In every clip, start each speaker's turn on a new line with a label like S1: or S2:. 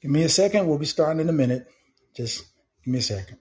S1: Give me a second. We'll be starting in a minute. Just give me a second.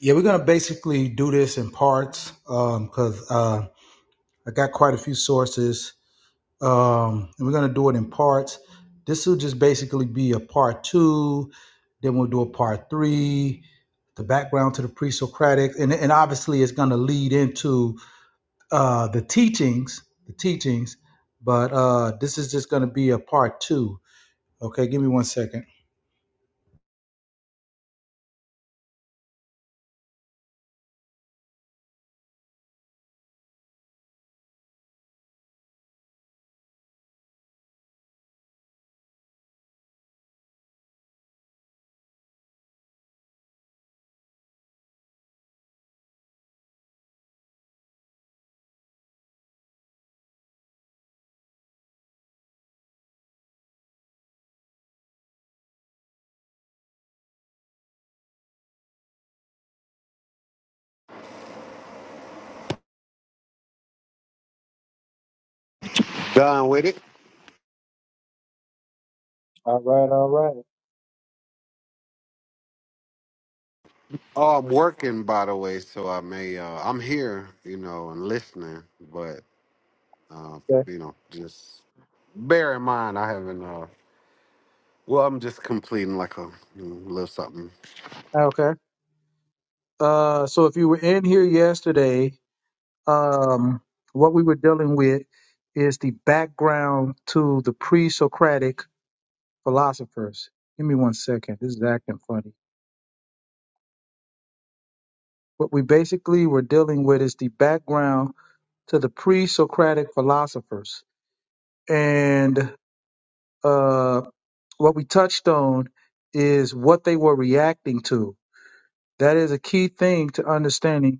S1: Yeah, we're gonna basically do this in parts because um, uh, I got quite a few sources, um, and we're gonna do it in parts. This will just basically be a part two. Then we'll do a part three. The background to the pre-Socratic, and and obviously it's gonna lead into uh, the teachings, the teachings. But uh, this is just gonna be a part two. Okay, give me one second.
S2: Done with it.
S1: All right, all right.
S2: Oh, I'm working, by the way, so I may. Uh, I'm here, you know, and listening, but uh,
S1: Okay,
S2: you know, just bear in mind I haven't. Uh, well, I'm just completing like a you know, little something.
S1: Okay. Uh, so if you were in here yesterday, um, what we were dealing with is the background to the pre-Socratic philosophers. Give me one second. This is acting funny. What we basically were dealing with is the background to the pre-Socratic philosophers, and uh, what we touched on is what they were reacting to. That is a key thing to understanding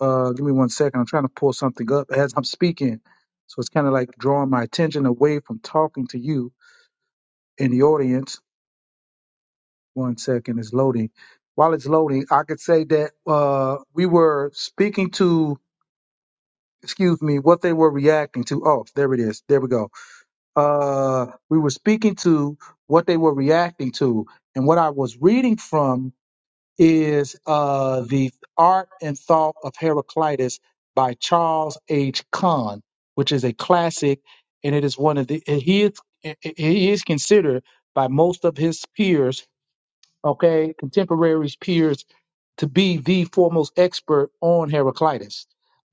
S1: Uh, give me one second. I'm trying to pull something up as I'm speaking. So it's kind of like drawing my attention away from talking to you in the audience. One second it's loading. While it's loading, I could say that uh, we were speaking to, excuse me, what they were reacting to. Oh, there it is. There we go. Uh, we were speaking to what they were reacting to. And what I was reading from is uh, The Art and Thought of Heraclitus by Charles H. Kahn, which is a classic, and it is one of the and he is he is considered by most of his peers, okay, contemporaries peers, to be the foremost expert on Heraclitus.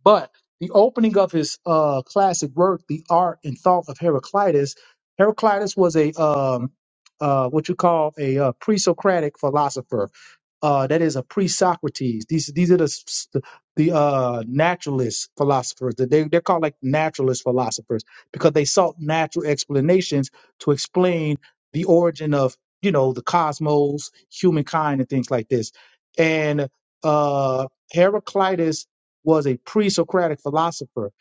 S1: But the opening of his uh, classic work, The Art and Thought of Heraclitus, Heraclitus was a um, uh, what you call a uh, pre-Socratic philosopher uh, that is a pre-Socrates. These these are the s- s- the uh, naturalist philosophers. That They they're called like naturalist philosophers because they sought natural explanations to explain the origin of you know the cosmos, humankind, and things like this. And uh, Heraclitus was a pre-Socratic philosopher,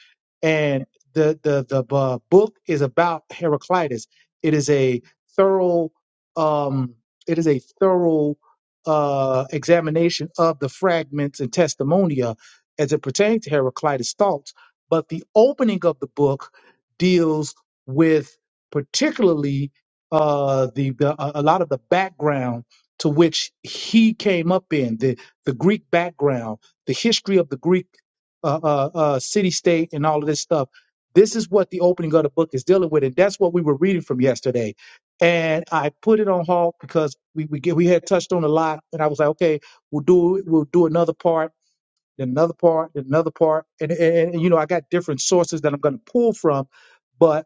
S1: and the the the uh, book is about Heraclitus. It is a thorough um, it is a thorough uh, examination of the fragments and testimonia as it pertains to Heraclitus' thoughts, but the opening of the book deals with particularly uh, the, the a a lot of the background to which he came up in the the Greek background, the history of the Greek uh, uh, uh, city state, and all of this stuff. This is what the opening of the book is dealing with, and that's what we were reading from yesterday and I put it on halt because we we get, we had touched on a lot, and I was like, okay, we'll do we'll do another part, then another part, then another part, and, and and you know I got different sources that I'm going to pull from, but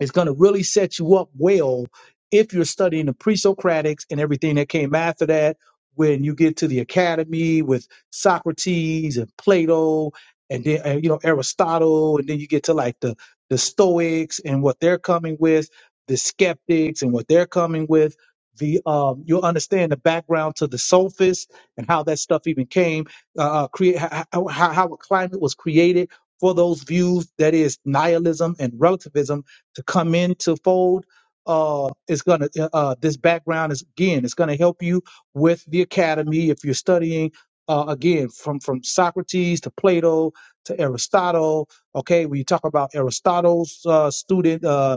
S1: it's going to really set you up well if you're studying the pre-Socratics and everything that came after that. When you get to the academy with Socrates and Plato, and then uh, you know Aristotle, and then you get to like the the Stoics and what they're coming with, the skeptics and what they're coming with. The um, you'll understand the background to the sophists and how that stuff even came, uh, uh, create how, how, how a climate was created for those views that is nihilism and relativism to come into fold uh it's gonna uh uh, this background is again it's gonna help you with the academy if you're studying uh again from from socrates to plato to aristotle okay when you talk about aristotle's uh student Uh,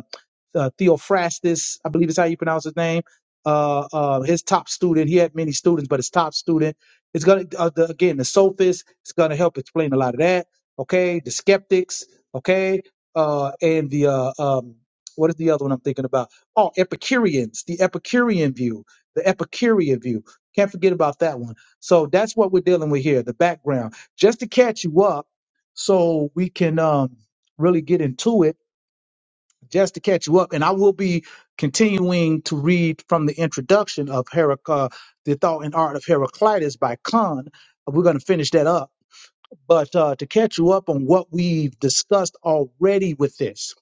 S1: uh, Theophrastus, I believe is how you pronounce his name. Uh, uh, his top student, he had many students, but his top student, it's gonna uh, the, again the sophists. It's gonna help explain a lot of that. Okay, the skeptics. Okay, uh, and the uh, um, what is the other one I'm thinking about? Oh, Epicureans, the Epicurean view, the Epicurean view. Can't forget about that one. So that's what we're dealing with here. The background, just to catch you up, so we can um really get into it just to catch you up, and I will be continuing to read from the introduction of Herac- uh, The Thought and Art of Heraclitus by Kahn. We're going to finish that up. But uh, to catch you up on what we've discussed already with this,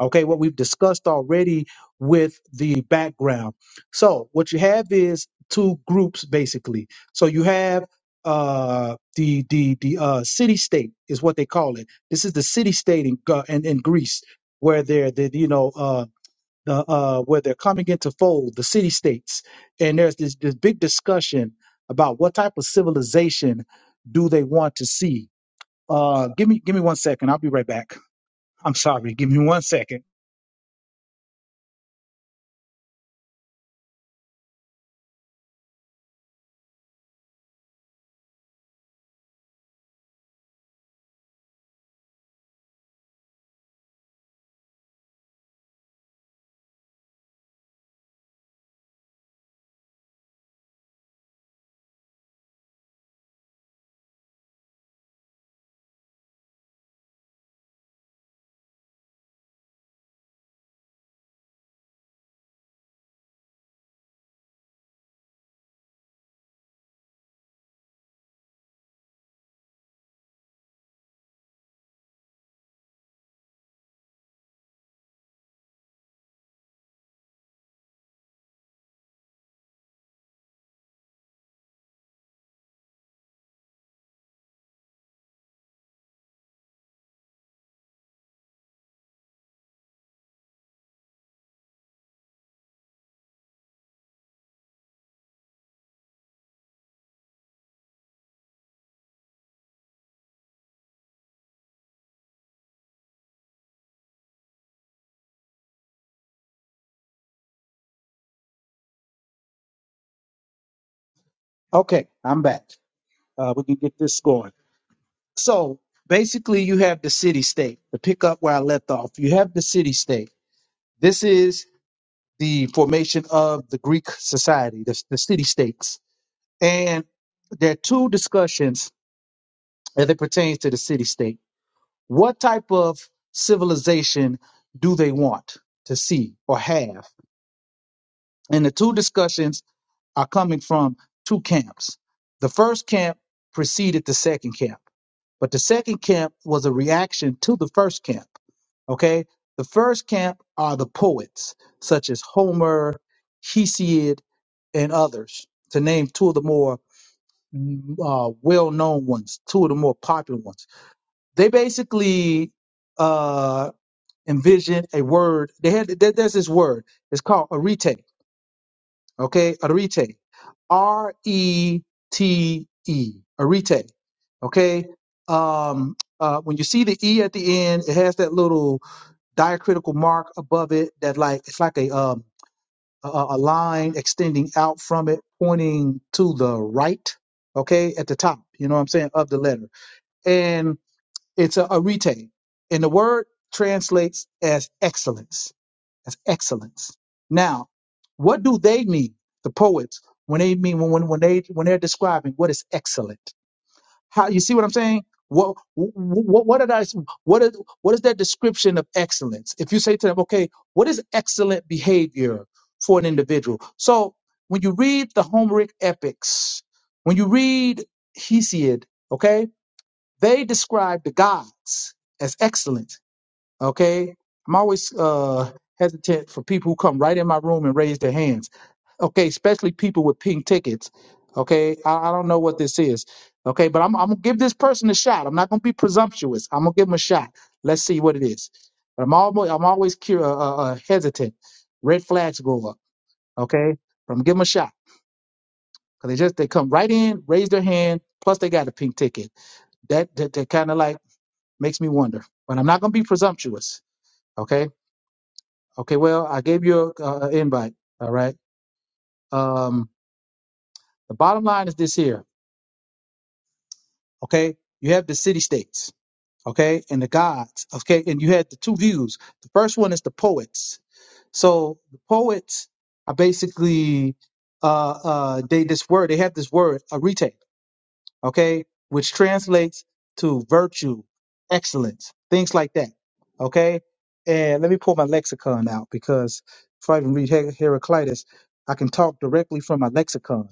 S1: okay, what we've discussed already with the background. So what you have is two groups basically. So you have uh, the the the uh, city state is what they call it. This is the city state in Gr- in, in Greece where they're the you know uh, the uh, where they're coming into fold the city states, and there's this, this big discussion about what type of civilization do they want to see uh, give me give me one second. I'll be right back. I'm sorry. Give me one second. Okay, I'm back. Uh, we can get this going. So basically, you have the city state. To pick up where I left off, you have the city state. This is the formation of the Greek society, the, the city states, and there are two discussions as it pertains to the city state. What type of civilization do they want to see or have? And the two discussions are coming from two camps. The first camp preceded the second camp, but the second camp was a reaction to the first camp. Okay? The first camp are the poets, such as Homer, Hesiod, and others, to name two of the more mm, uh, well known ones, two of the more popular ones. They basically uh, envision a word, they had, there- there's this word, it's called arete Okay, Arete. R E T E. Arete. Okay. Um, uh, when you see the E at the end, it has that little diacritical mark above it that like it's like a um a, a a line extending out from it, pointing to the right. Okay, at the top. You know what I'm saying of the letter, and it's a arete, and the word translates as excellence that's excellence. Now, what do they mean, the poets, when they mean when when they when they're describing what is excellent? How you see what I'm saying? What what what did I what is what is that description of excellence? If you say to them, okay, what is excellent behavior for an individual? So when you read the Homeric epics, when you read Hesiod, okay, they describe the gods as excellent Okay. I'm always uh, hesitant for people who come right in my room and raise their hands. Okay. Especially people with pink tickets. Okay. I, I don't know what this is. Okay. But I'm, I'm going to give this person a shot. I'm not going to be presumptuous. I'm going to give him a shot. Let's see what it is. But I'm always, I'm always cur- uh, uh, uh, hesitant. Red flags grow up. Okay. But I'm going to give them a shot. Cause they just they come right in, raise their hand. Plus they got a pink ticket. That that, that kind of like makes me wonder. But I'm not gonna be presumptuous. Okay. Okay, well, I gave you a uh, invite. All right. Um, the bottom line is this here. Okay, you have the city states. Okay, and the gods. Okay, and you had the two views. The first one is the poets. So the poets are basically uh, uh, they this word. They have this word arete. okay, which translates to virtue, excellence, things like that, okay. And let me pull my lexicon out because if I even read Her- Heraclitus, I can talk directly from my lexicon,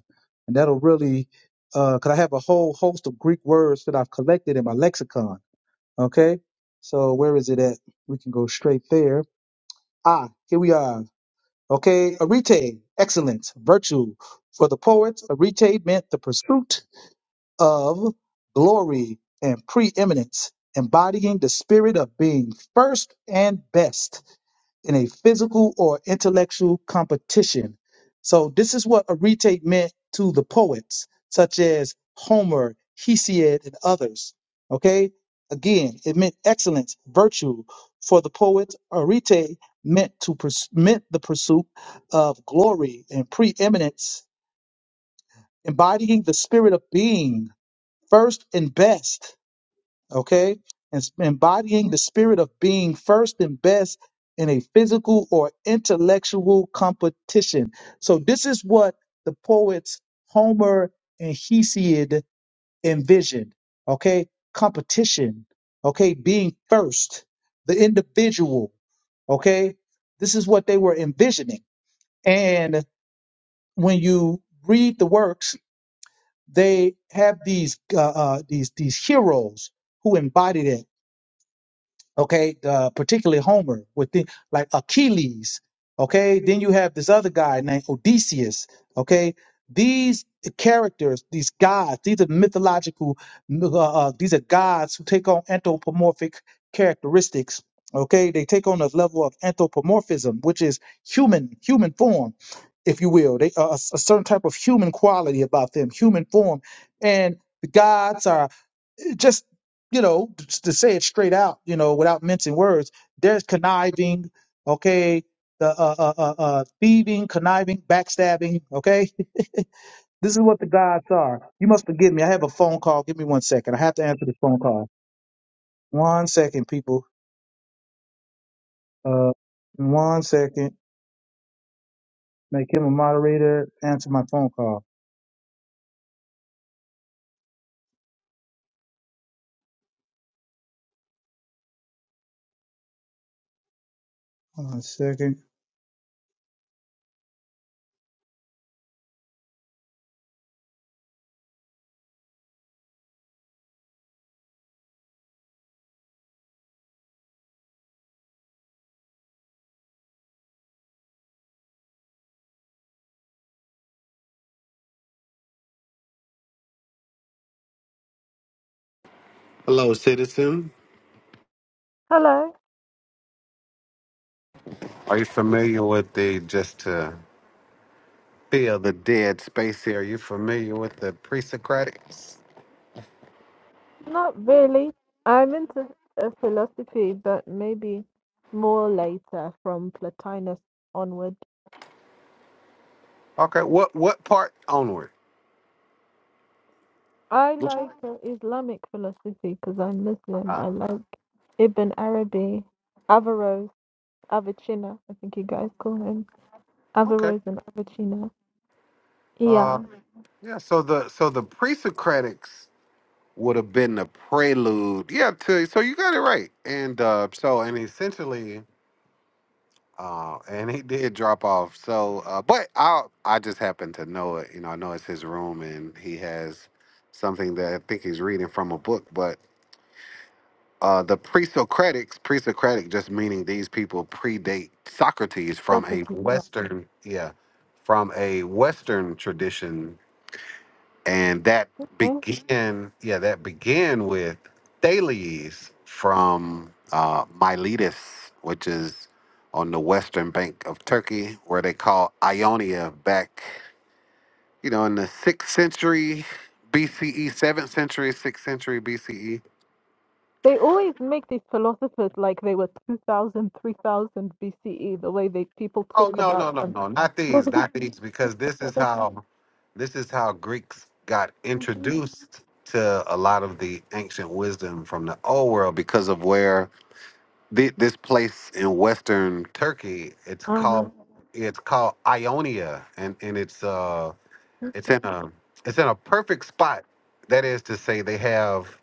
S1: and that'll really, because I have a whole host of Greek words that I've collected in my lexicon, okay. So where is it at? We can go straight there. Ah, here we are. Okay, arete, excellence, virtue. For the poets, arete meant the pursuit of glory and preeminence, embodying the spirit of being first and best in a physical or intellectual competition. So, this is what Arete meant to the poets, such as Homer, Hesiod, and others. Okay, again, it meant excellence, virtue. For the poets, Arete meant to pers- meant the pursuit of glory and preeminence, embodying the spirit of being first and best, okay? And s- embodying the spirit of being first and best in a physical or intellectual competition. So this is what the poets Homer and Hesiod envisioned, okay? Competition, okay? Being first, the individual, okay? This is what they were envisioning. And when you read the works they have these uh, uh, these these heroes who embody that okay, uh, particularly Homer with the, like Achilles, okay. Then you have this other guy named Odysseus, okay. These characters, these gods, these are mythological, uh, uh, these are gods who take on anthropomorphic characteristics. Okay, they take on a level of anthropomorphism, which is human, human form, if you will. They uh, a a certain type of human quality about them, human form, and the gods are just you know just to say it straight out you know without mincing words there's conniving okay the uh, uh uh uh thieving conniving backstabbing okay this is what the gods are you must forgive me i have a phone call give me one second i have to answer this phone call one second people uh one second make him a moderator answer my phone call one second
S2: Hello, citizen.
S3: Hello,
S2: Are you familiar with the just to fill the dead space here? Are you familiar with the pre-Socratics?
S3: not really. I'm into uh, philosophy, but maybe more later from Plotinus onward.
S2: Okay, what what part onward?
S3: I like uh, Islamic philosophy because I'm Muslim.
S2: Uh,
S3: I like Ibn Arabi, Averroes, Avicenna, I think you guys call him.
S2: okay.
S3: Averroes and Avicenna.
S2: Uh,
S3: Yeah,
S2: yeah. So the so the pre-Socratics. would have been the prelude. Yeah, to, so you got it right. And uh, so, and essentially, uh, and he did drop off. So, uh, but I, I just happen to know it. You know, I know it's his room, and he has something that I think he's reading from a book. But uh, the pre-Socratics, pre-Socratic, just meaning these people predate Socrates from a
S3: Socrates, right?
S2: Western, yeah, from a Western tradition and that
S3: No?
S2: began yeah that began with thales from uh, miletus which is on the western bank of turkey where they call ionia back you know in the sixth century bce seventh century sixth century bce
S3: They always make these philosophers like they were 2000, 3000 BCE, the way they people
S2: oh
S3: talk
S2: no no
S3: about
S2: no
S3: them.
S2: no not these not these because this is how this is how greeks got introduced to a lot of the ancient wisdom from the old world because of where thi- this place in western Turkey. It's
S3: uh-huh.
S2: called it's called Ionia, and and it's uh it's in a it's in a perfect spot. That is to say, they have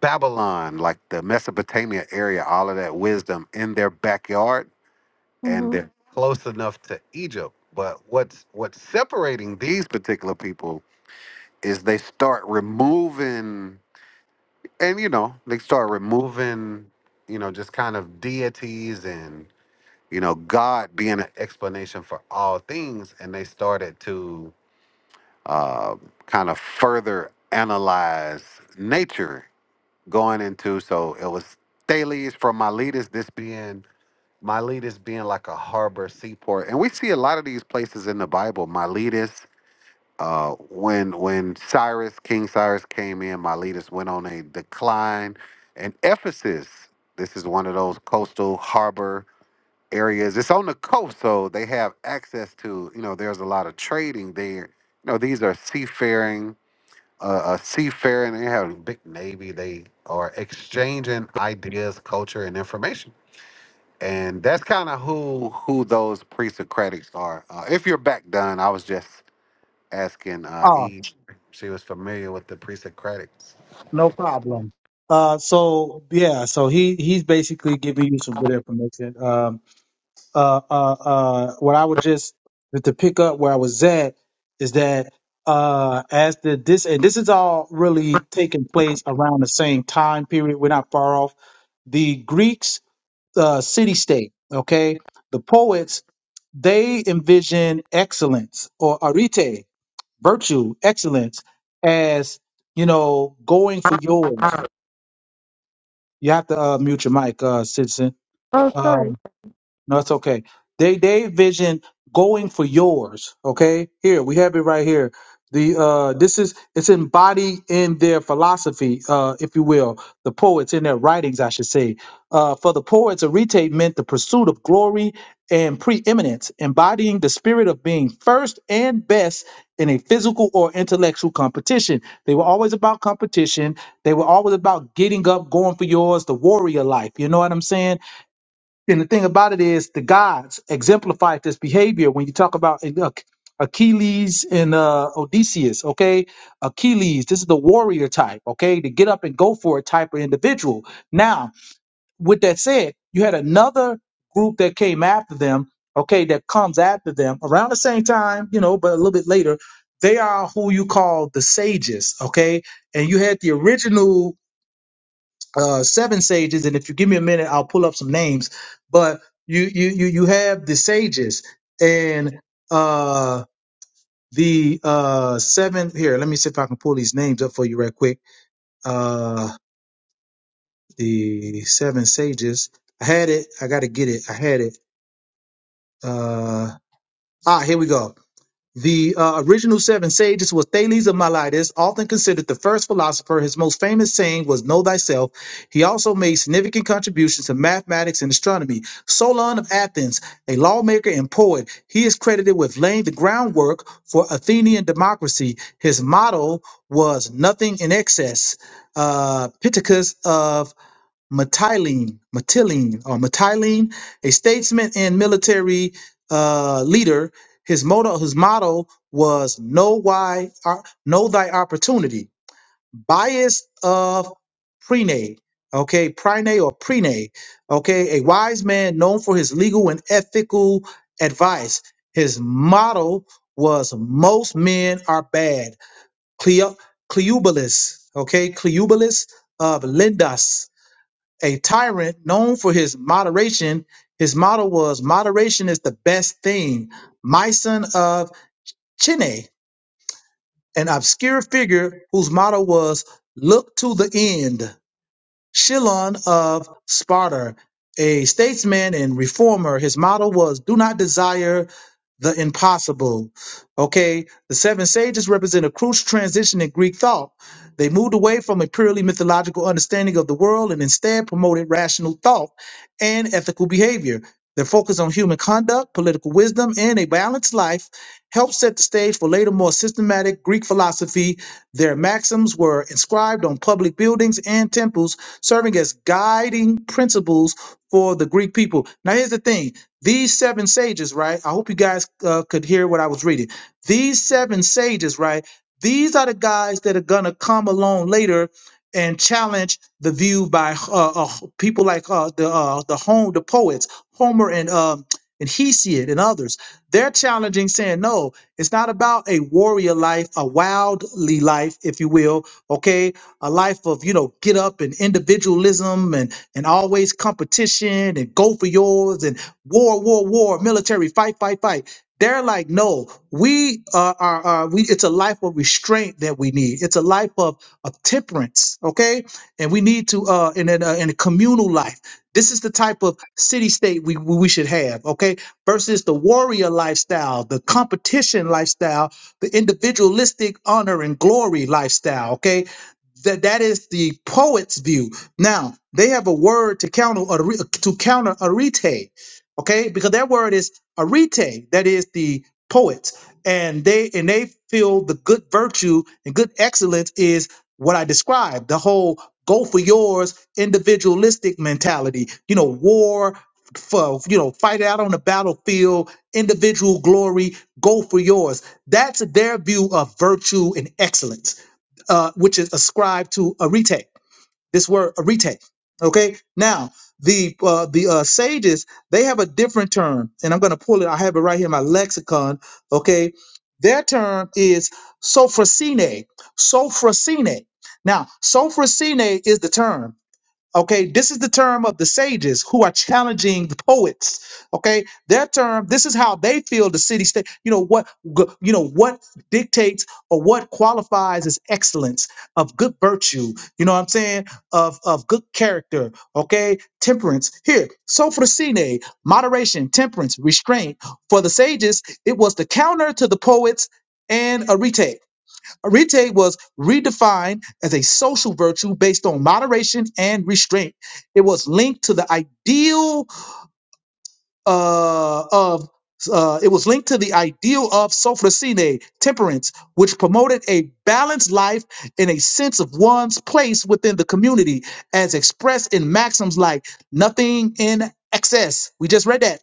S2: Babylon, like the Mesopotamia area, all of that wisdom in their backyard, and
S3: hmm
S2: they're close enough to Egypt. But what's what's separating these particular people is they start removing, and you know, they start removing, you know, just kind of deities and. you know, God being an explanation for all things, and they started to uh, kind of further analyze nature going into. So it was Thales from Miletus, this being Miletus being like a harbor seaport, and we see a lot of these places in the Bible. Miletus, uh, when when Cyrus, King Cyrus came in, Miletus went on a decline, and Ephesus. This is one of those coastal harbor areas. It's on the coast, so they have access to, you know, there's a lot of trading there. You know, these are seafaring, uh, uh seafaring, they have a big navy. They are exchanging ideas, culture, and information. And that's kind of who who those pre-Socratics are. Uh, if you're back done, I was just asking uh
S1: oh
S2: Eve. She was familiar with the pre-Socratics.
S1: no problem uh so yeah so he he's basically giving you some good information um uh, uh, uh, what I would just to pick up where I was at is that uh, as the this and this is all really taking place around the same time period. We're not far off. The Greeks, uh, city state. Okay, the poets they envision excellence or arete, virtue, excellence, as you know, going for yours. You have to uh, mute your mic, uh, citizen.
S3: Oh, sorry.
S1: Um, No, it's okay. They they vision going for yours. Okay, here we have it right here. The uh, this is it's embodied in their philosophy, uh, if you will. The poets in their writings, I should say. Uh, for the poets, arete meant the pursuit of glory and preeminence, embodying the spirit of being first and best in a physical or intellectual competition. They were always about competition. They were always about getting up, going for yours, the warrior life. You know what I'm saying? And the thing about it is, the gods exemplified this behavior when you talk about uh, Achilles and uh, Odysseus. Okay, Achilles, this is the warrior type. Okay, the get up and go for it type of individual. Now, with that said, you had another group that came after them. Okay, that comes after them around the same time, you know, but a little bit later. They are who you call the sages. Okay, and you had the original uh, seven sages, and if you give me a minute, I'll pull up some names. But you you you you have the sages and uh, the uh, seven here. Let me see if I can pull these names up for you right quick. Uh, the seven sages. I had it. I got to get it. I had it. Uh, ah, here we go. The uh, original seven sages was Thales of Miletus, often considered the first philosopher. His most famous saying was "Know thyself." He also made significant contributions to mathematics and astronomy. Solon of Athens, a lawmaker and poet, he is credited with laying the groundwork for Athenian democracy. His motto was "Nothing in excess." Uh, Pittacus of Methylene, Methylene, or Methylene, a statesman and military uh, leader. His motto, his motto was "Know why, uh, know thy opportunity." Bias of Prene, okay, Prene or Prene, okay, a wise man known for his legal and ethical advice. His motto was "Most men are bad." Cleo, Cleobulus, okay, Cleobulus of Lindas, a tyrant known for his moderation. His motto was moderation is the best thing. Myson of Chine, an obscure figure whose motto was look to the end. Chilon of Sparta, a statesman and reformer, his motto was "Do not desire the impossible." Okay, the seven sages represent a crucial transition in Greek thought. They moved away from a purely mythological understanding of the world and instead promoted rational thought and ethical behavior. Their focus on human conduct, political wisdom, and a balanced life helped set the stage for later, more systematic Greek philosophy. Their maxims were inscribed on public buildings and temples serving as guiding principles for the Greek people. Now, here's the thing these seven sages, right? I hope you guys uh, could hear what I was reading. These seven sages, right? These are the guys that are going to come along later and challenge the view by uh, uh, people like uh, the uh, the home the poets Homer and um, and Hesiod and others. They're challenging, saying, "No, it's not about a warrior life, a wildly life, if you will. Okay, a life of you know get up and individualism and and always competition and go for yours and war war war military fight fight fight they're like no we uh, are are we it's a life of restraint that we need it's a life of of temperance okay and we need to uh in a, in a communal life this is the type of city state we we should have okay versus the warrior lifestyle the competition lifestyle the individualistic honor and glory lifestyle. Okay, that that is the poet's view. Now they have a word to counter arete- to counter arete, okay? Because that word is arete, that is the poet, and they and they feel the good virtue and good excellence is what I described. The whole go for yours individualistic mentality. You know, war for you know, fight out on the battlefield, individual glory, go for yours. That's their view of virtue and excellence uh, which is ascribed to arete. This word arete. Okay. Now the uh, the uh, sages they have a different term, and I'm going to pull it. I have it right here in my lexicon. Okay. Their term is sophrosine. Sophrosine. Now sophrosine is the term. Okay, this is the term of the sages who are challenging the poets. Okay, their term. This is how they feel the city state. You know what? g- You know what dictates or what qualifies as excellence of good virtue. You know what I'm saying? Of of good character. Okay, temperance. Here, so moderation, temperance, restraint. For the sages, it was the counter to the poets and arete. Arete was redefined as a social virtue based on moderation and restraint. It was linked to the ideal uh, of uh, it was linked to the ideal of sophrosine, temperance, which promoted a balanced life and a sense of one's place within the community, as expressed in maxims like nothing in excess. We just read that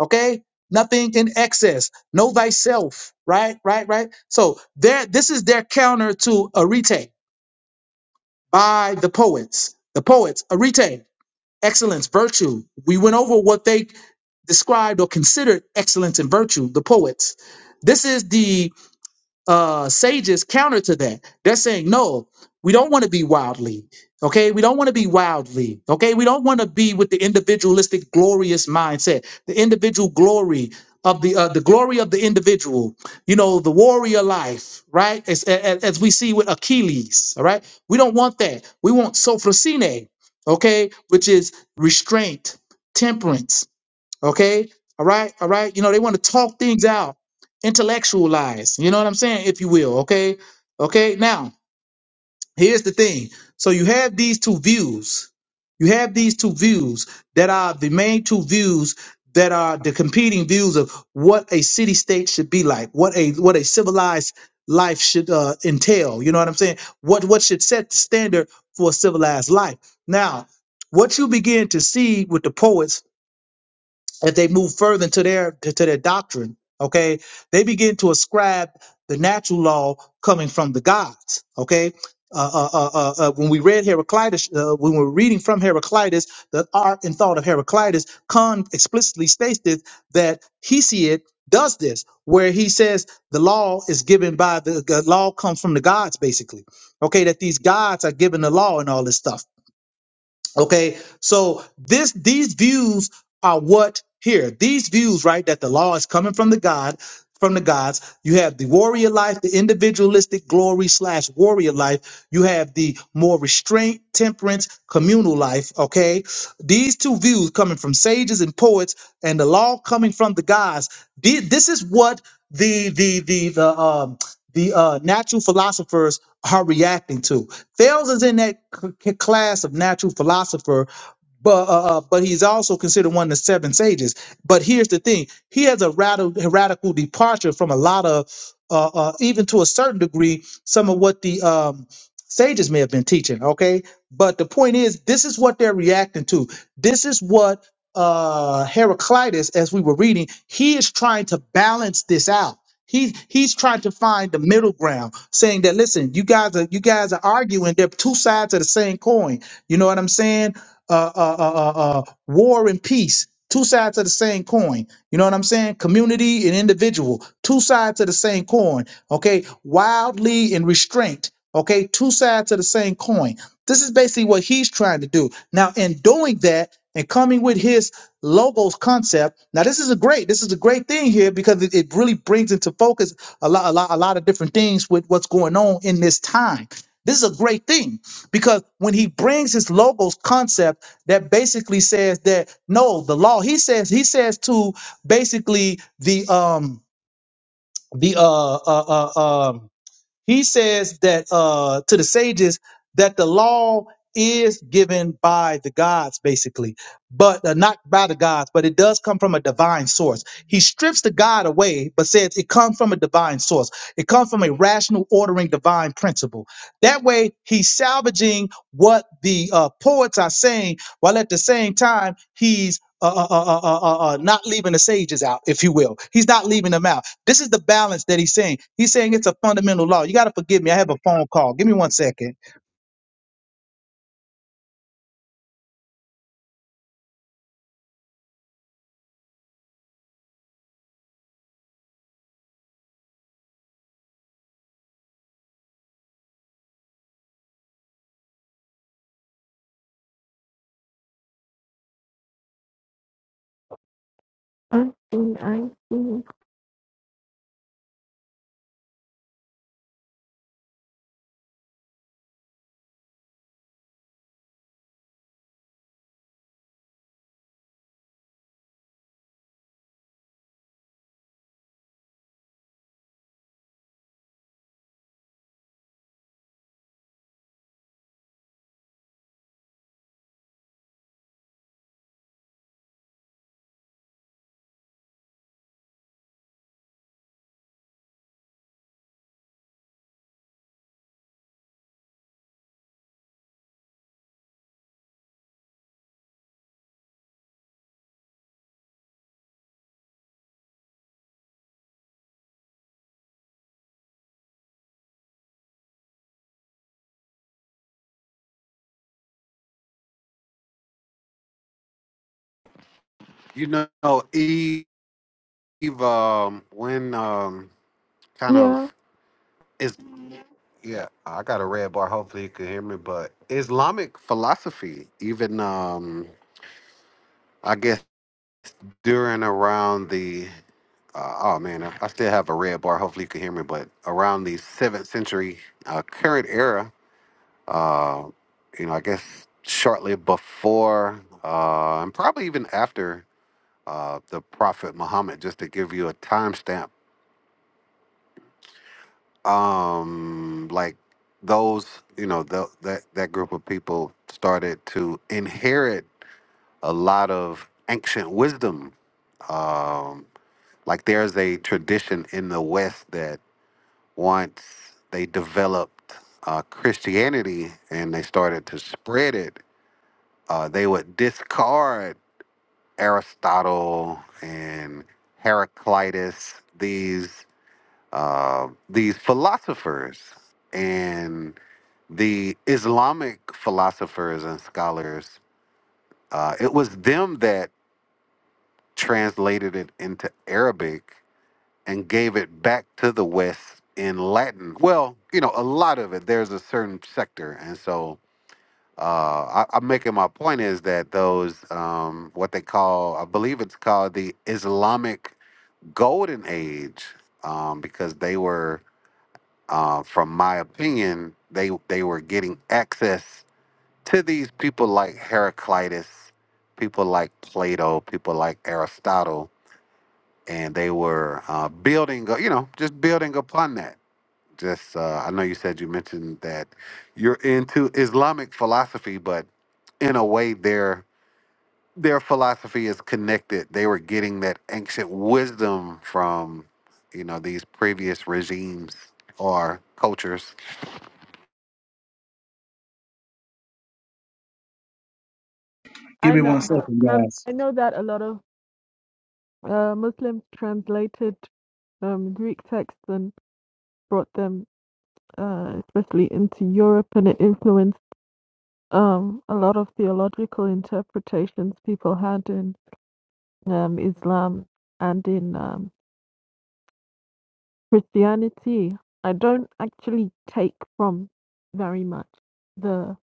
S1: okay nothing in excess know thyself right right right so there this is their counter to arete by the poets the poets arete excellence virtue we went over what they described or considered excellence and virtue the poets this is the uh, sages counter to that. They're saying, no, we don't want to be wildly. Okay, we don't want to be wildly. Okay, we don't want to be with the individualistic, glorious mindset, the individual glory of the uh, the glory of the individual. You know, the warrior life, right? As, as, as we see with Achilles. All right, we don't want that. We want sophrosine. Okay, which is restraint, temperance Okay. All right. All right. You know, they want to talk things out, intellectualize, you know what I'm saying? If you will. Okay. Okay. Now, here's the thing. So you have these two views. You have these two views that are the main two views that are the competing views of what a city state should be like, what a what a civilized life should uh, entail. You know what I'm saying? What what should set the standard for a civilized life. Now, what you begin to see with the poets as they move further into their to, to their doctrine, okay, they begin to ascribe the natural law coming from the gods, okay. Uh, uh, uh, uh, uh, when we read Heraclitus, uh, when we we're reading from Heraclitus, the art and thought of Heraclitus, Kant explicitly states this, that Hesiod does this, where he says the law is given by the, the law comes from the gods, basically. Okay, that these gods are given the law and all this stuff. Okay, so this these views are what here these views right that the law is coming from the God from the gods. You have the warrior life, the individualistic glory slash warrior life. You have the more restraint, temperance, communal life. Okay, these two views coming from sages and poets, and the law coming from the gods. The- This is what the the the the um the uh, natural philosophers are reacting to. Thales is in that c- c- class of natural philosopher, but uh, uh, but he's also considered one of the seven sages. But here's the thing: he has a radical radical departure from a lot of, uh, uh, even to a certain degree, some of what the um, sages may have been teaching. Okay, but the point is, this is what they're reacting to. This is what uh heraclitus as we were reading he is trying to balance this out He's he's trying to find the middle ground, saying that listen, you guys are you guys are arguing. They're two sides of the same coin. You know what I'm saying? Uh, uh, uh, uh, uh, war and peace, two sides of the same coin. You know what I'm saying? Community and individual, two sides of the same coin. Okay, wildly and restraint. Okay, two sides of the same coin. This is basically what he's trying to do. Now, in doing that and coming with his logos concept. Now, this is a great, this is a great thing here because it, it really brings into focus a lot, a lot, a lot of different things with what's going on in this time. This is a great thing because when he brings his logos concept, that basically says that no, the law. He says he says to basically the um the uh uh uh, um he says that uh, to the sages that the law is given by the gods, basically, but uh, not by the gods, but it does come from a divine source. He strips the God away, but says it comes from a divine source. It comes from a rational, ordering, divine principle. That way, he's salvaging what the uh, poets are saying, while at the same time, he's uh, uh, uh, uh, uh, uh, not leaving the sages out, if you will. He's not leaving them out this is the balance that he's saying. He's saying it's a fundamental law. You got to forgive me. I have a phone call. Give me one second.
S3: I see. I see.
S2: You know, Eve um when um kind of
S3: Yeah,
S2: is. Yeah, I got a red bar. Hopefully you can hear me. But Islamic philosophy, even um, I guess during around the uh, oh man, I, I still have a red bar. Hopefully you can hear me. But around the seventh century, uh, current era, uh, you know, I guess shortly before uh, and probably even after uh, the Prophet Muhammad, just to give you a timestamp um like those you know tho- that that group of people started to inherit a lot of ancient wisdom um like there's a tradition in the west that once they developed uh christianity and they started to spread it uh they would discard aristotle and heraclitus uh, these philosophers and the Islamic philosophers and scholars. Uh, it was them that translated it into Arabic and gave it back to the West in Latin. Well, you know, a lot of it. There's a certain sector, and so uh, I, I'm making my point is that those um, what they call, I believe it's called the Islamic Golden Age, um, because they were. Uh, from my opinion, they they were getting access to these people like Heraclitus, people like Plato, people like Aristotle, and they were uh, building, you know, just building upon that. Just uh, I know you said you mentioned that you're into Islamic philosophy, but in a way, their their philosophy is connected. They were getting that ancient wisdom from, you know, these previous regimes or cultures.
S1: Give
S3: I
S1: me
S3: know
S1: one
S3: that.
S1: second,
S3: Um,
S1: guys.
S3: I know that a lot of uh, Muslims translated um, Greek texts and brought them, uh, especially into Europe, and it influenced um, a lot of theological interpretations people had in um, Islam and in um, Christianity. I don't actually take from very much the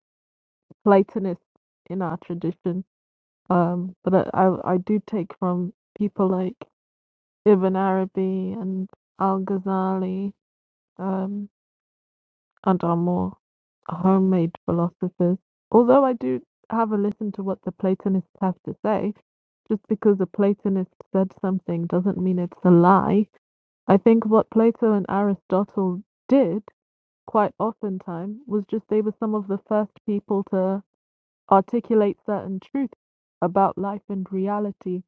S3: Platonists in our tradition Um, but I, I, I do take from people like Ibn Arabi and Al Ghazali, um, and are more homemade philosophers. Although I do have a listen to what the Platonists have to say, just because a Platonist said something doesn't mean it's a lie. I think what Plato and Aristotle did quite oftentimes was just they were some of the first people to articulate certain truths about life and reality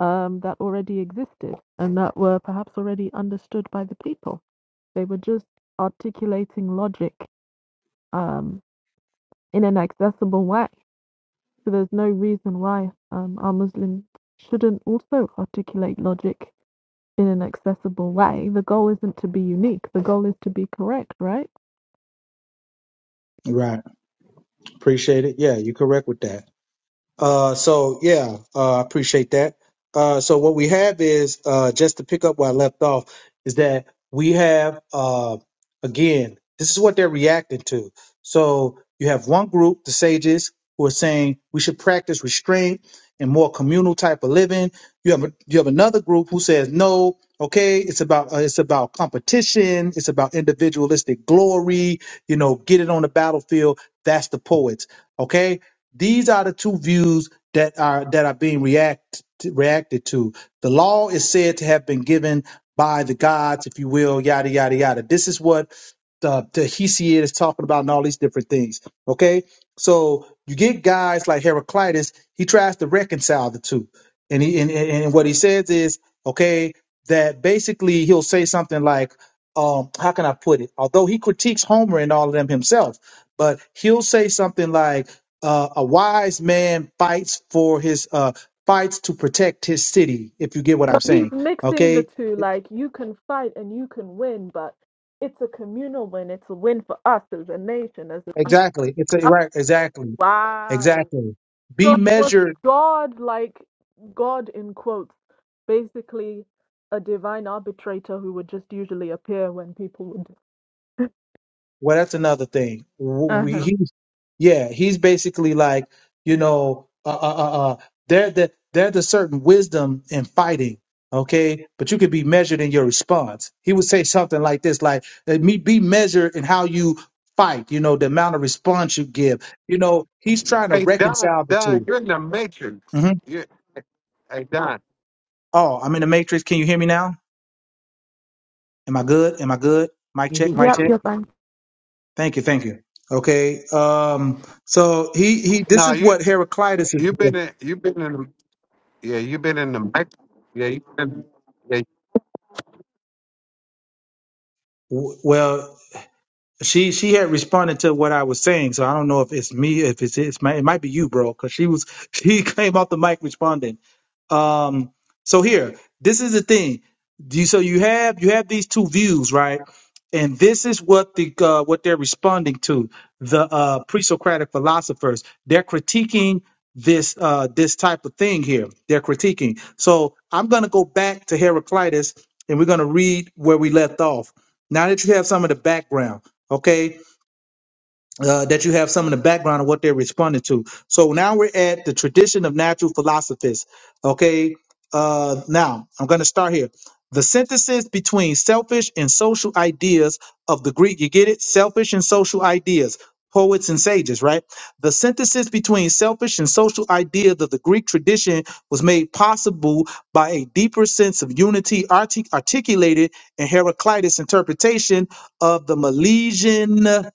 S3: um, that already existed and that were perhaps already understood by the people. They were just articulating logic um, in an accessible way. So there's no reason why um, our Muslims shouldn't also articulate logic in an accessible way. The goal isn't to be unique, the goal is to be correct, right?
S1: Right. Appreciate it. Yeah, you're correct with that. Uh, so yeah, uh, I appreciate that. Uh, so what we have is uh, just to pick up where I left off is that we have uh, again, this is what they're reacting to. So you have one group, the sages, who are saying we should practice restraint and more communal type of living. You have a, you have another group who says no. Okay, it's about uh, it's about competition. It's about individualistic glory. You know, get it on the battlefield. That's the poets. Okay, these are the two views that are that are being react reacted to. The law is said to have been given by the gods, if you will, yada yada yada. This is what the, the Hesiod is talking about, and all these different things. Okay, so you get guys like Heraclitus. He tries to reconcile the two, and he and, and and what he says is okay that basically he'll say something like, um, how can I put it? Although he critiques Homer and all of them himself, but he'll say something like uh, a wise man fights for his uh, fights to protect his city. If you get what I'm
S3: But he's
S1: saying,
S3: mixing the
S1: okay?
S3: two
S1: It-
S3: like you can fight and you can win, but it's a communal win. It's a win for us as a nation, as a people.
S1: Exactly. It's a,
S3: Oh,
S1: right. Exactly.
S3: Wow.
S1: Exactly.
S3: So
S1: Be
S3: it was
S1: measured.
S3: God like God in quotes, basically a divine arbitrator who would just usually appear when people would.
S1: Well, that's another thing.
S3: Uh huh.
S1: Yeah, he's basically like, you know, uh, uh, uh, uh they're the they're the certain wisdom in fighting, okay? But you could be measured in your response. He would say something like this, like, "Let me be measured in how you fight. You know, the amount of response you give. You know, he's trying to
S2: Hey Don,
S1: reconcile the
S2: Don,
S1: 2
S2: you're in the matrix.
S1: Mm-hmm.
S2: You, hey Don,
S1: Oh, I'm in the matrix. Can you hear me now? Am I good? Am I good? Mic check. Mic
S3: Yep.
S1: check.
S3: Yep. I
S1: Thank you. Thank you. Okay. Um. So he he. This
S2: no,
S1: is
S2: you
S1: what Heraclitus is.
S2: you've
S1: doing.
S2: been in you've been in yeah you've been in the matrix. Yeah, you been, yeah,
S1: W- Well. she she had responded to what I was saying, so I don't know if it's me, if it's, it's my, it might be you, bro, because she was she came off the mic responding. Um, so here, this is the thing. Do You, so you have you have these two views, right? And this is what the uh, what they're responding to the uh, pre-Socratic philosophers. They're critiquing this uh, this type of thing here. They're critiquing. So I'm going to go back to Heraclitus, and we're going to read where we left off. Now that you have some of the background, okay? uh, that you have some in the background of what they're responding to. So now we're at the tradition of natural philosophists. Okay. Uh, now I'm going to start here. The synthesis between selfish and social ideas of the Greek, you get it? Selfish and social ideas, poets and sages, right? The synthesis between selfish and social ideas of the Greek tradition was made possible by a deeper sense of unity artic- articulated in Heraclitus' interpretation of the Milesian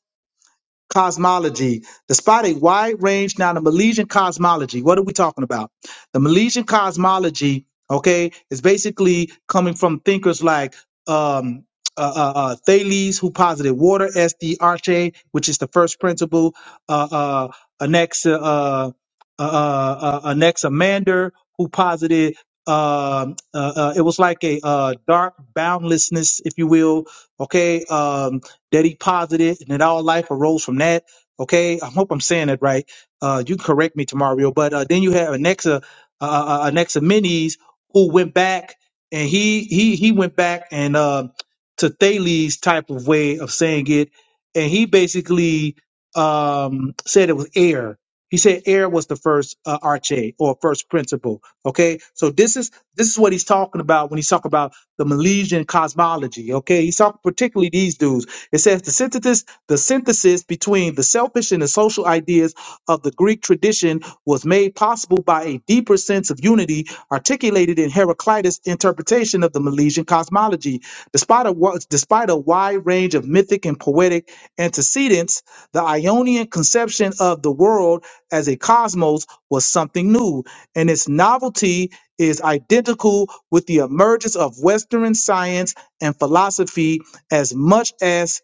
S1: cosmology. Despite a wide range, now the Milesian cosmology, what are we talking about? The Milesian cosmology, okay, is basically coming from thinkers like um, uh, uh, uh, Thales, who posited water as the arche, which is the first principle, uh, uh, Anax, uh, uh, uh, uh, Anaximander, who posited um uh, uh, it was like a uh, dark boundlessness, if you will. Okay, um, that he posited and that all life arose from that. Okay, I hope I'm saying that right. Uh, you can correct me tomorrow, Mario, but uh, then you have Anexa, uh, uh, uh, Anexa Minis, who went back and he he he went back and um, to Thales' type of way of saying it, and he basically um, said it was air. He said air was the first uh, arche or first principle. Okay, so this is this is what he's talking about when he's talking about the Milesian cosmology. Okay, he's talking particularly these dudes. It says the synthesis, the synthesis between the selfish and the social ideas of the Greek tradition was made possible by a deeper sense of unity articulated in Heraclitus' interpretation of the Milesian cosmology. Despite a, wa- despite a wide range of mythic and poetic antecedents, the Ionian conception of the world as a cosmos was something new, and its novelty is identical with the emergence of Western science and philosophy as much as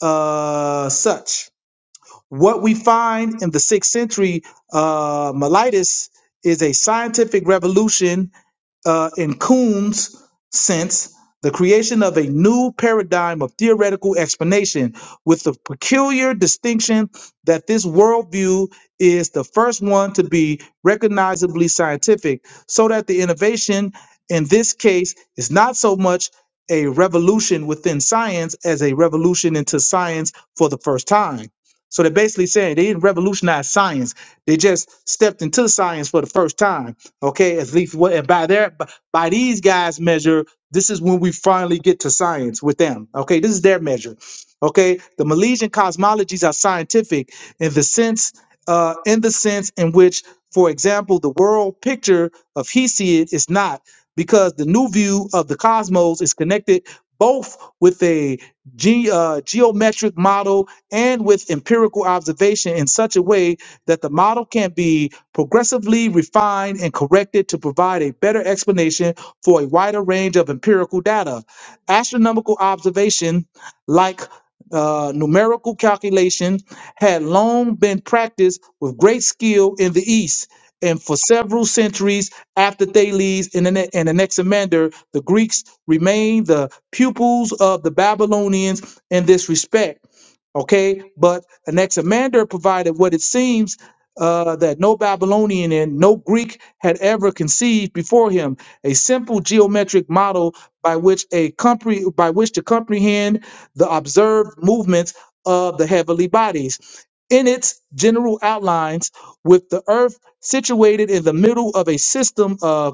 S1: uh, such. What we find in the sixth century, uh, Miletus is a scientific revolution uh, in Coombs' sense, the creation of a new paradigm of theoretical explanation with the peculiar distinction that this worldview is the first one to be recognizably scientific, so that the innovation in this case is not so much a revolution within science as a revolution into science for the first time. So they're basically saying they didn't revolutionize science, they just stepped into science for the first time Okay, at least what and by their b- by these guys' measure, this is when we finally get to science with them. Okay, this is their measure. Okay, the Milesian cosmologies are scientific in the sense, uh, in the sense in which, for example, the world picture of Hesiod is not, because the new view of the cosmos is connected both with a ge- uh, geometric model and with empirical observation in such a way that the model can be progressively refined and corrected to provide a better explanation for a wider range of empirical data. Astronomical observation, like uh, numerical calculation, had long been practiced with great skill in the East. And for several centuries after Thales and Ane- and Anaximander, the Greeks remained the pupils of the Babylonians in this respect Okay, but Anaximander provided what it seems uh, that no Babylonian and no Greek had ever conceived before him a simple geometric model by which a compre- by which to comprehend the observed movements of the heavenly bodies in its general outlines with the earth situated in the middle of a system of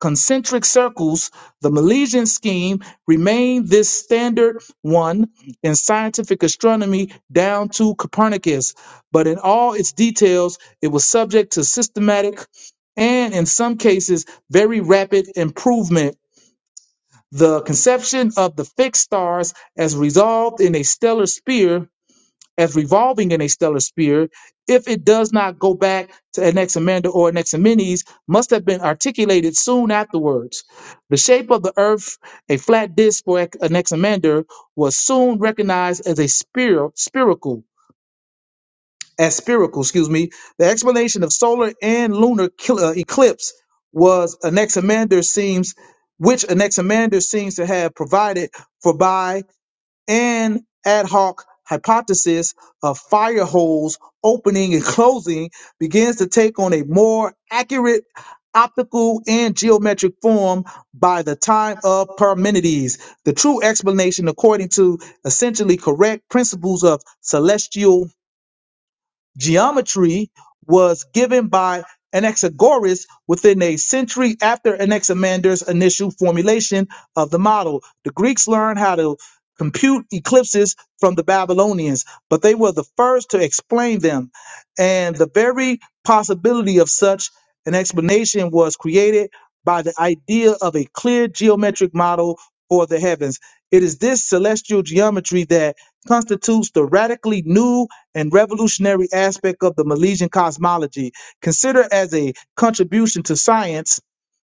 S1: concentric circles, the Milesian scheme remained this standard one in scientific astronomy down to Copernicus, but in all its details, it was subject to systematic and, in some cases, very rapid improvement. The conception of the fixed stars as resolved in a stellar sphere as revolving in a stellar sphere if it does not go back to Anaximander or Anaximenes must have been articulated soon afterwards. The shape of the earth, a flat disk for Anaximander, was soon recognized as a spiro- spherical, as spherical, excuse me. The explanation of solar and lunar kil- uh, eclipse was Anaximander seems which Anaximander seems to have provided for and ad hoc hypothesis of fire holes opening and closing begins to take on a more accurate optical and geometric form by the time of Parmenides. The true explanation, according to essentially correct principles of celestial Geometry was given by Anaxagoras within a century after Anaximander's initial formulation of the model. The Greeks learned how to compute eclipses from the Babylonians, but they were the first to explain them. And the very possibility of such an explanation was created by the idea of a clear geometric model for the heavens. It is this celestial geometry that constitutes the radically new and revolutionary aspect of the Milesian cosmology, considered as a contribution to science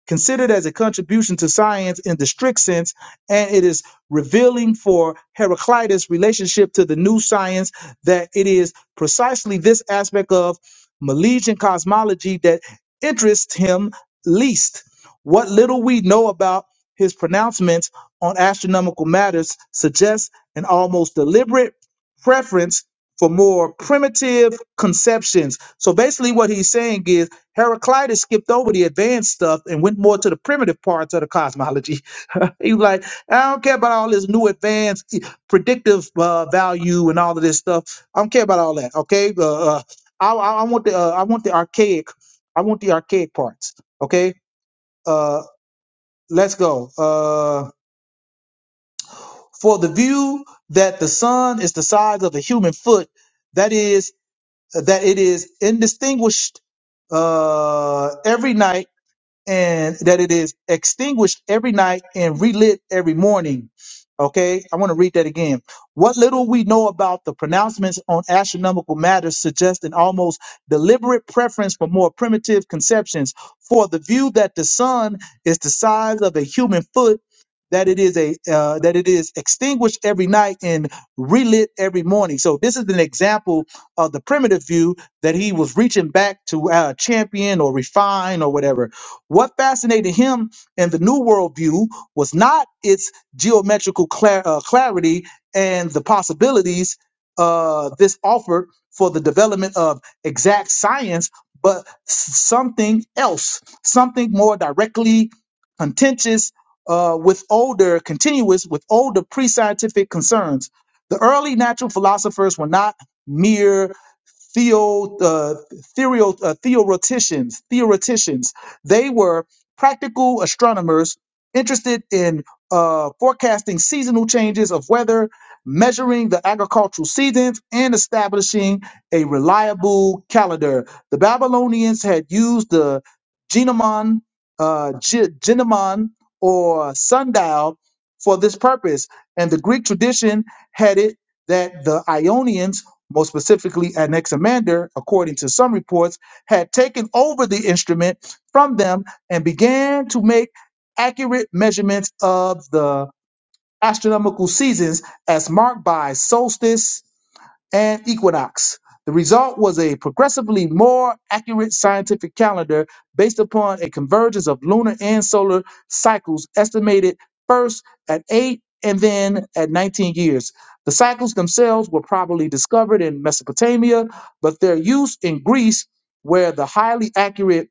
S1: considered as a contribution to science in the strict sense, and it is revealing for Heraclitus' relationship to the new science that it is precisely this aspect of Milesian cosmology that interests him least. What little we know about his pronouncements on astronomical matters suggests an almost deliberate preference for more primitive conceptions. So basically, what he's saying is Heraclitus skipped over the advanced stuff and went more to the primitive parts of the cosmology. he was like, I don't care about all this new advanced predictive uh, value and all of this stuff. I don't care about all that. Okay, uh, uh, I, I I want the uh, I want the archaic, I want the archaic parts. Okay, uh, let's go. Uh, for the view that the sun is the size of a human foot, that is that it is indistinguished uh, every night and that it is extinguished every night and relit every morning. Okay, I want to read that again. What little we know about the pronouncements on astronomical matters suggests an almost deliberate preference for more primitive conceptions, for the view that the sun is the size of a human foot, that it is a uh, that it is extinguished every night and relit every morning. So this is an example of the primitive view that he was reaching back to uh, champion or refine or whatever. What fascinated him in the New Worldview was not its geometrical clar- uh, clarity and the possibilities uh, this offered for the development of exact science, but s- something else, something more directly contentious uh, with older, continuous with older pre scientific concerns. The early natural philosophers were not mere theo, uh, theorio, uh, theoreticians, theoreticians. They were practical astronomers interested in uh, forecasting seasonal changes of weather, measuring the agricultural seasons, and establishing a reliable calendar. The Babylonians had used the genomon, uh, ge- genomon or sundial for this purpose, and the Greek tradition had it that the Ionians more specifically Anaximander, according to some reports, had taken over the instrument from them and began to make accurate measurements of the astronomical seasons as marked by solstice and equinox. The result was a progressively more accurate scientific calendar based upon a convergence of lunar and solar cycles estimated first at 8 and then at 19 years. The cycles themselves were probably discovered in Mesopotamia, but their use in Greece, where the highly accurate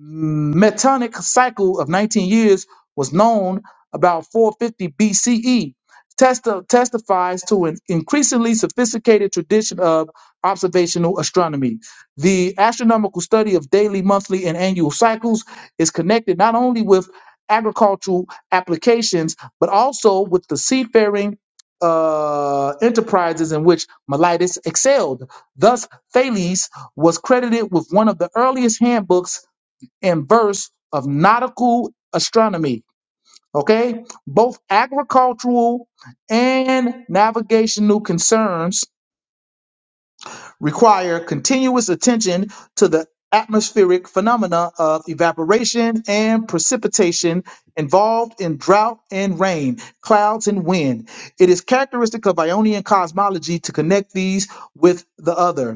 S1: Metonic cycle of 19 years was known about 450 BCE. Testa testifies to an increasingly sophisticated tradition of observational astronomy. The astronomical study of daily, monthly, and annual cycles is connected not only with agricultural applications, but also with the seafaring uh, enterprises in which Miletus excelled. Thus, Thales was credited with one of the earliest handbooks and verse of nautical astronomy. Okay, both agricultural and navigational concerns require continuous attention to the atmospheric phenomena of evaporation and precipitation involved in drought and rain, clouds and wind. It is characteristic of Ionian cosmology to connect these with the other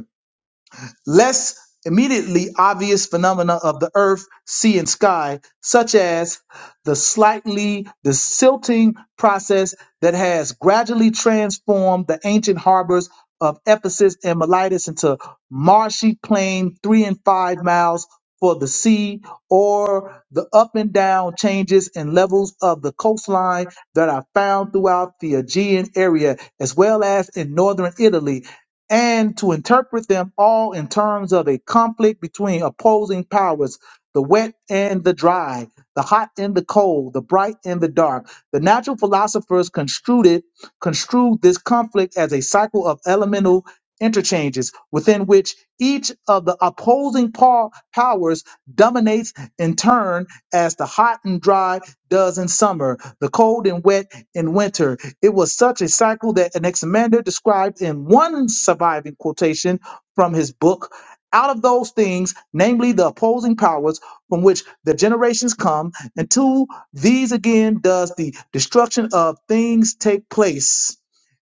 S1: less immediately obvious phenomena of the earth, sea, and sky, such as the slightly the silting process that has gradually transformed the ancient harbors of Ephesus and Miletus into marshy plain three and five miles for the sea, or the up and down changes in levels of the coastline that are found throughout the Aegean area, as well as in northern Italy and to interpret them all in terms of a conflict between opposing powers the wet and the dry, the hot and the cold, the bright and the dark. The natural philosophers construed it, construed this conflict as a cycle of elemental interchanges within which each of the opposing pa- powers dominates in turn as the hot and dry does in summer, the cold and wet in winter, it was such a cycle that Anaximander described in one surviving quotation from his book. Out of those things, namely the opposing powers from which the generations come, and to these again does the destruction of things take place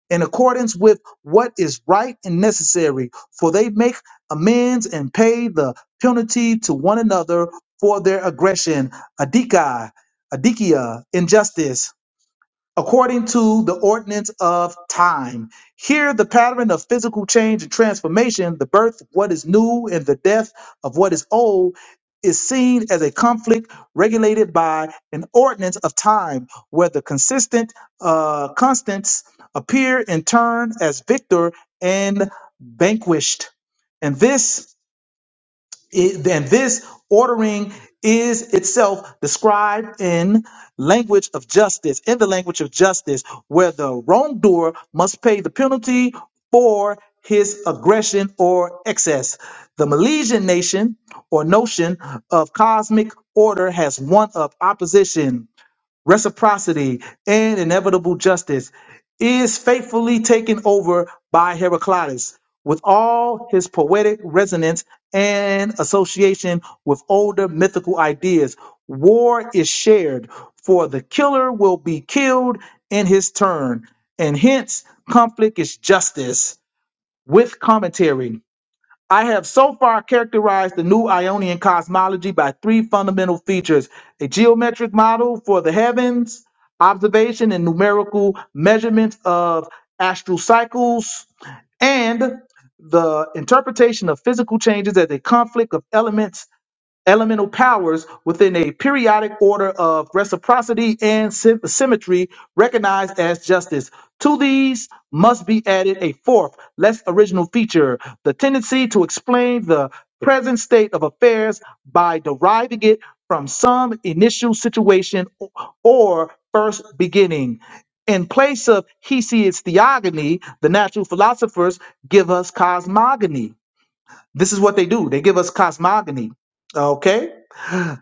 S1: in accordance with what is right and necessary, for they make amends and pay the penalty to one another for their aggression, adikia, adikia, injustice according to the ordinance of time. Here, the pattern of physical change and transformation, the birth of what is new and the death of what is old, is seen as a conflict regulated by an ordinance of time, where the consistent uh, constants appear in turn as victor and vanquished. And this it- then this ordering is itself described in language of justice, in the language of justice, where the wrongdoer must pay the penalty for his aggression or excess. The Milesian nation or notion of cosmic order has one of opposition reciprocity, and inevitable justice is faithfully taken over by Heraclitus with all his poetic resonance and association with older mythical ideas. War is shared, for the killer will be killed in his turn, and hence conflict is justice with commentary. I have so far characterized the new Ionian cosmology by three fundamental features a geometric model for the heavens, observation and numerical measurements of astral cycles, and the interpretation of physical changes as a conflict of elements elemental powers within a periodic order of reciprocity and sym- symmetry recognized as justice. To these must be added a fourth, less original feature the tendency to explain the present state of affairs by deriving it from some initial situation o- or first beginning. In place of Hesiod's theogony, the natural philosophers give us cosmogony. This is what they do they give us cosmogony. Okay?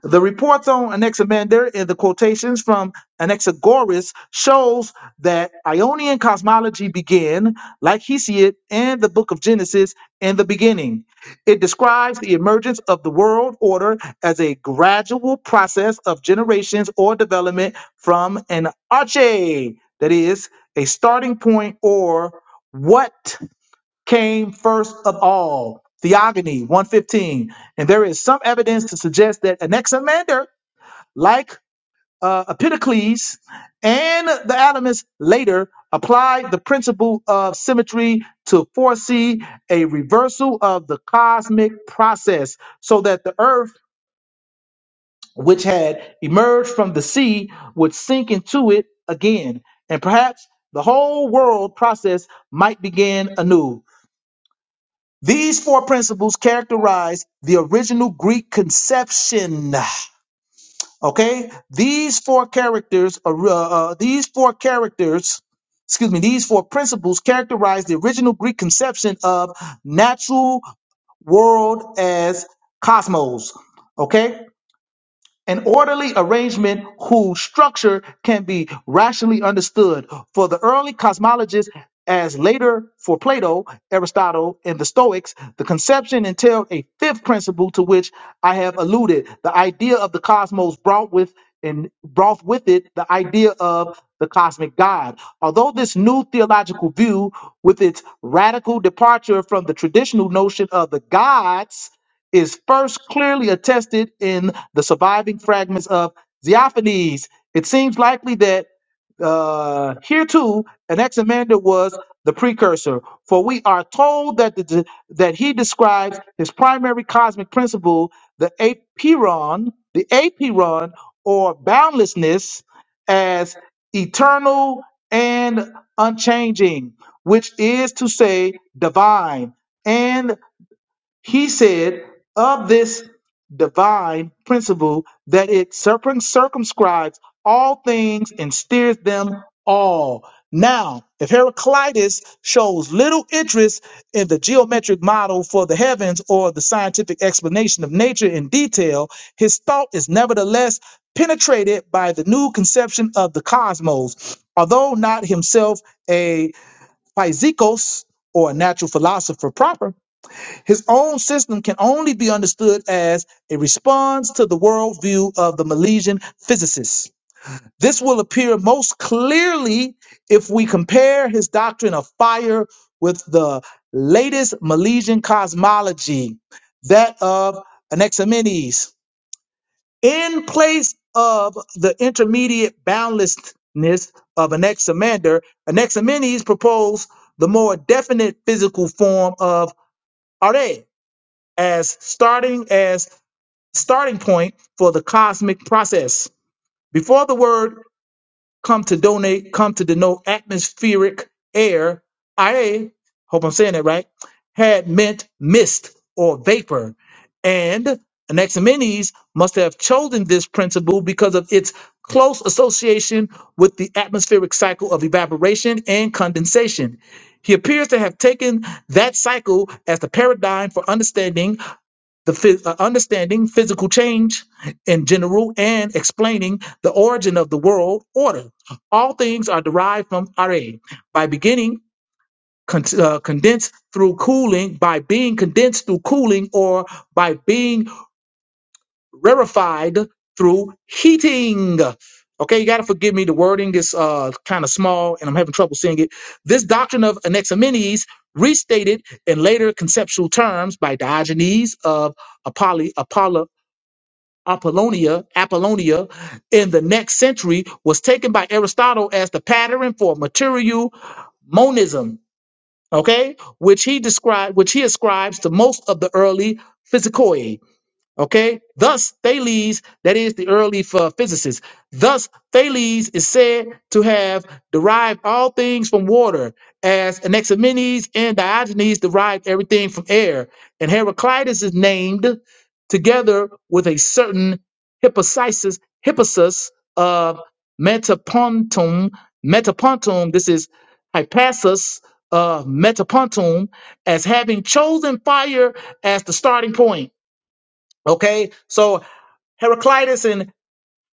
S1: The reports on Anaximander and the quotations from Anaxagoras shows that Ionian cosmology began, like Hesiod and the book of Genesis, in the beginning. It describes the emergence of the world order as a gradual process of generations or development from an arche, that is, a starting point or what came first of all. Theogony 115. And there is some evidence to suggest that Anaximander, like uh, Epitocles and the Atomists later, applied the principle of symmetry to foresee a reversal of the cosmic process so that the earth, which had emerged from the sea, would sink into it again. And perhaps the whole world process might begin anew. These four principles characterize the original Greek conception. Okay, these four characters, uh, uh, uh, these four characters, excuse me, these four principles characterize the original Greek conception of natural world as cosmos. Okay, an orderly arrangement whose structure can be rationally understood for the early cosmologists as later for plato aristotle and the stoics the conception entailed a fifth principle to which i have alluded the idea of the cosmos brought with and brought with it the idea of the cosmic god although this new theological view with its radical departure from the traditional notion of the gods is first clearly attested in the surviving fragments of Xeophanes. It seems likely that uh, here too, Anaximander was the precursor, for we are told that the, that he describes his primary cosmic principle, the apiron, the apiron or boundlessness, as eternal and unchanging, which is to say divine. And he said of this divine principle that it circum- circumscribes all things and steers them all. Now, if Heraclitus shows little interest in the geometric model for the heavens or the scientific explanation of nature in detail, his thought is nevertheless penetrated by the new conception of the cosmos. Although not himself a physicos or a natural philosopher proper, his own system can only be understood as a response to the worldview of the Milesian physicists. This will appear most clearly if we compare his doctrine of fire with the latest Milesian cosmology, that of Anaximenes. In place of the intermediate boundlessness of Anaximander, Anaximenes proposed the more definite physical form of Are as starting as starting point for the cosmic process. Before the word come to donate, come to denote atmospheric air, I hope I'm saying that right, had meant mist or vapor. And Anaximenes must have chosen this principle because of its close association with the atmospheric cycle of evaporation and condensation. He appears to have taken that cycle as the paradigm for understanding the phys- uh, understanding physical change in general and explaining the origin of the world order. All things are derived from Are by beginning con- uh, condensed through cooling, by being condensed through cooling, or by being rarefied through heating. Okay, you gotta forgive me. The wording is uh, kind of small, and I'm having trouble seeing it. This doctrine of Anaximenes, restated in later conceptual terms by Diogenes of Apolly, Apollonia, Apollonia in the next century was taken by Aristotle as the pattern for material monism, okay, which he described, which he ascribes to most of the early physikoi. Okay, thus Thales, that is the early ph- physicist, thus Thales is said to have derived all things from water, as Anaximenes and Diogenes derived everything from air, and Heraclitus is named together with a certain Hippocysis, Hippasus of Metapontum, Metapontum, this is Hippasus of Metapontum, as having chosen fire as the starting point Okay, so Heraclitus and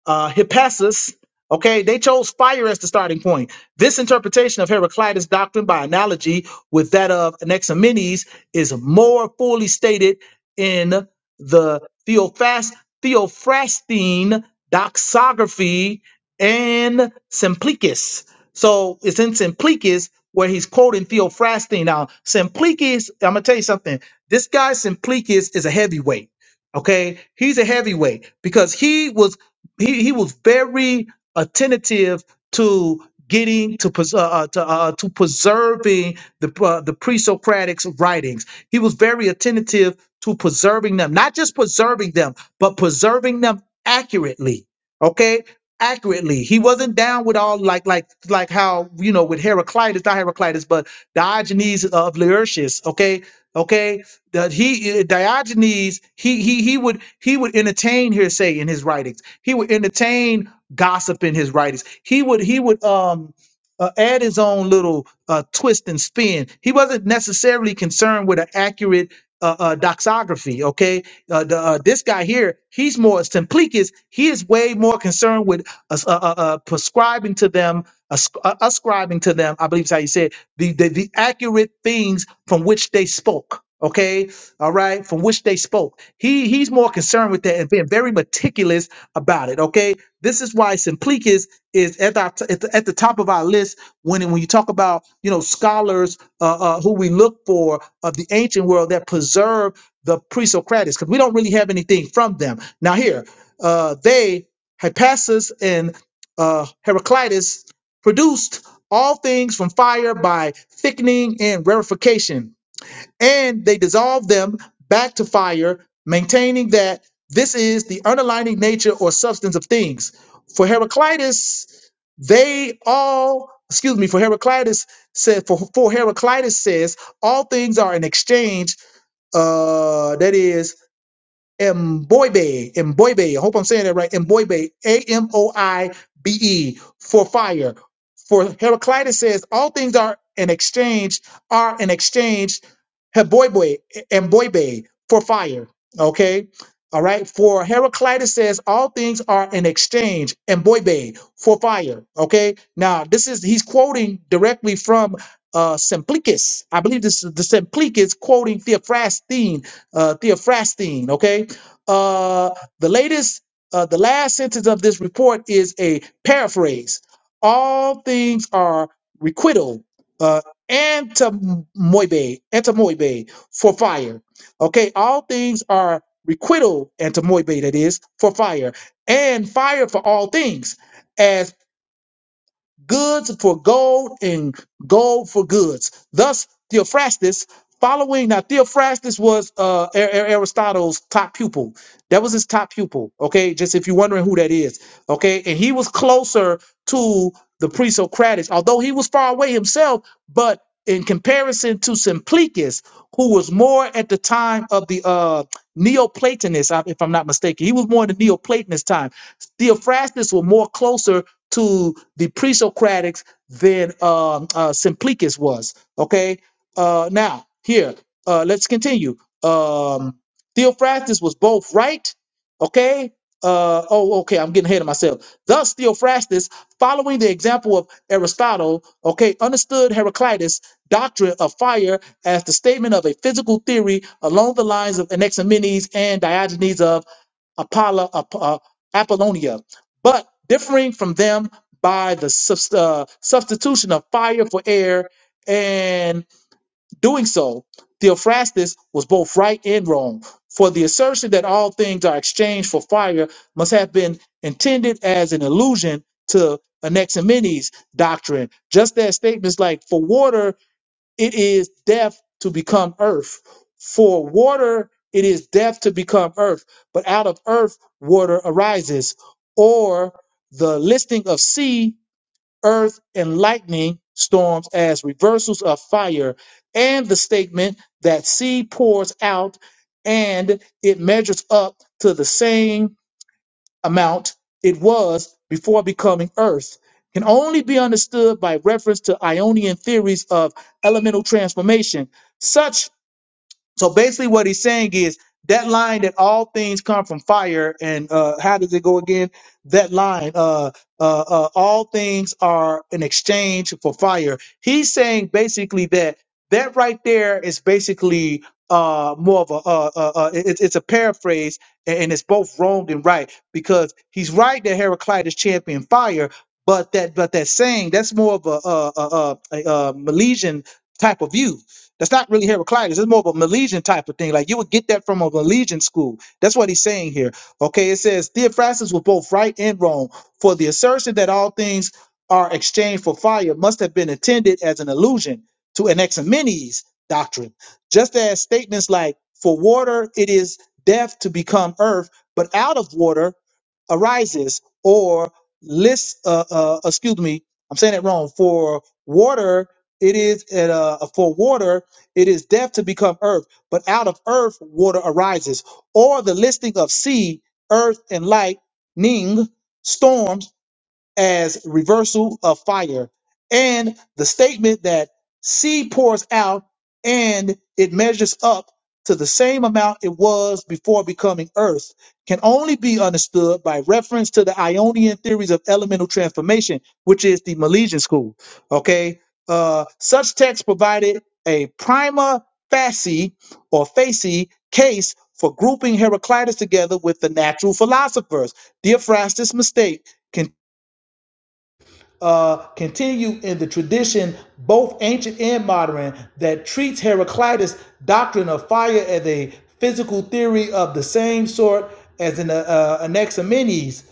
S1: uh, Hippasus. Okay, they chose fire as the starting point. This interpretation of Heraclitus' doctrine by analogy with that of Anaximenes is more fully stated in the Theophast, Theophrastine doxography and Simplicis. So it's in Simplicis where he's quoting Theophrastine. Now, Simplicis, I'm going to tell you something. This guy, Simplicis, is a heavyweight. Okay, he's a heavyweight because he was he, he was very attentive to getting to pres- uh, uh, to, uh, uh, to preserving the uh, the pre-Socratic's writings. He was very attentive to preserving them, not just preserving them, but preserving them accurately. Okay, accurately. He wasn't down with all like like like how you know with Heraclitus, not Heraclitus, but Diogenes of Laertius. Okay, okay. That he Diogenes he he he would he would entertain hearsay in his writings he would entertain gossip in his writings. He would he would um uh, add his own little uh, twist and spin. He wasn't necessarily concerned with an accurate uh, uh, doxography. Okay, uh, the, uh, this guy here, he's more Simplikius. He is way more concerned with us- uh, uh, uh, prescribing to them, asc- uh, ascribing to them. I believe is how you say it, the, the the accurate things from which they spoke. Okay, all right, from which they spoke. He he's more concerned with that and being very meticulous about it. Okay, this is why Simplikius is at our t- at, the, at the top of our list when when you talk about you know scholars uh, uh, who we look for of the ancient world that preserve the pre-Socratics because we don't really have anything from them. Now here, uh, they Hippasus and uh, Heraclitus produced all things from fire by thickening and rarefication and they dissolve them back to fire, maintaining that this is the underlying nature or substance of things. For Heraclitus, they all, excuse me, for Heraclitus said, for, for Heraclitus says, all things are an exchange, uh, that is Mboibe, Mboibe. I hope I'm saying that right. Mboibe, A M O I B E, for fire. For Heraclitus says, all things are an exchange, are an exchange, Heboibe, Mboibe, for fire. Okay. All right. For Heraclitus says, all things are an exchange, Mboibe, for fire. Okay. Now, this is, he's quoting directly from uh Simplicis. I believe this is the Simplicis quoting Theophrastine, uh Theophrastine. Okay uh, the latest, uh, the last sentence of this report is a paraphrase. All things are requital, uh, antimoibe, antimoibe for fire. Okay, all things are requital, antimoibe, that is, for fire, and fire for all things goods for gold and gold for goods. Thus, Theophrastus, following now, Theophrastus was uh, Ar- Ar- Aristotle's top pupil. That was his top pupil. Okay, just if you're wondering who that is. Okay, and he was closer to the pre-Socratics, although he was far away himself. But in comparison to Simplices, who was more at the time of the uh, Neoplatonists, uh, if I'm not mistaken, he was more in the Neoplatonist time. Theophrastus was more closer to the pre-Socratics than um, uh, Simplicius was. Okay. Uh, now here, uh, let's continue. Um, Theophrastus was both right. Okay. Uh, oh, okay. I'm getting ahead of myself. Thus, Theophrastus, following the example of Aristotle, okay, understood Heraclitus' doctrine of fire as the statement of a physical theory along the lines of Anaximenes and Diogenes of Apollo, Ap- uh, Apollonia, but differing from them by the subs- uh, substitution of fire for air, and doing so, Theophrastus was both right and wrong. For the assertion that all things are exchanged for fire must have been intended as an allusion to Anaximenes' doctrine, just as statements like "for water it is death to become earth. For water, it is death to become earth, but out of earth, water arises. Or the listing of sea, earth, and lightning storms as reversals of fire, and the statement that sea pours out and it measures up to the same amount it was before becoming Earth can only be understood by reference to Ionian theories of elemental transformation. Such so basically, what he's saying is that line that all things come from fire, and uh, how does it go again? That line, uh, uh, uh, all things are an exchange for fire. He's saying basically that that right there is basically uh, more of a uh, uh, uh, it, it's it's a paraphrase, and, and it's both wrong and right because he's right that Heraclitus championed fire. But that, but that saying, that's more of a, uh a, a, a, a Milesian type of view that's not really Heraclitus. It's more of a Milesian type of thing. Like you would get that from a Milesian school. That's what he's saying here. Okay, it says Theophrastus was both right and wrong, for the assertion that all things are exchanged for fire must have been intended as an allusion to Anaximenes' doctrine. Just as statements like, for water it is death to become earth, but out of water arises, or list, uh, uh, excuse me, I'm saying it wrong, for water it is uh, for water. It is death to become earth, but out of earth water arises, or the listing of sea, earth, and lightning, storms as reversal of fire, and the statement that seed pours out and it measures up to the same amount it was before becoming earth can only be understood by reference to the Ionian theories of elemental transformation, which is the Milesian school. Okay, uh, such texts provided a prima facie or facie case for grouping Heraclitus together with the natural philosophers. Theophrastus' mistake uh, continue in the tradition, both ancient and modern, that treats Heraclitus' doctrine of fire as a physical theory of the same sort as in uh, uh, Anaximenes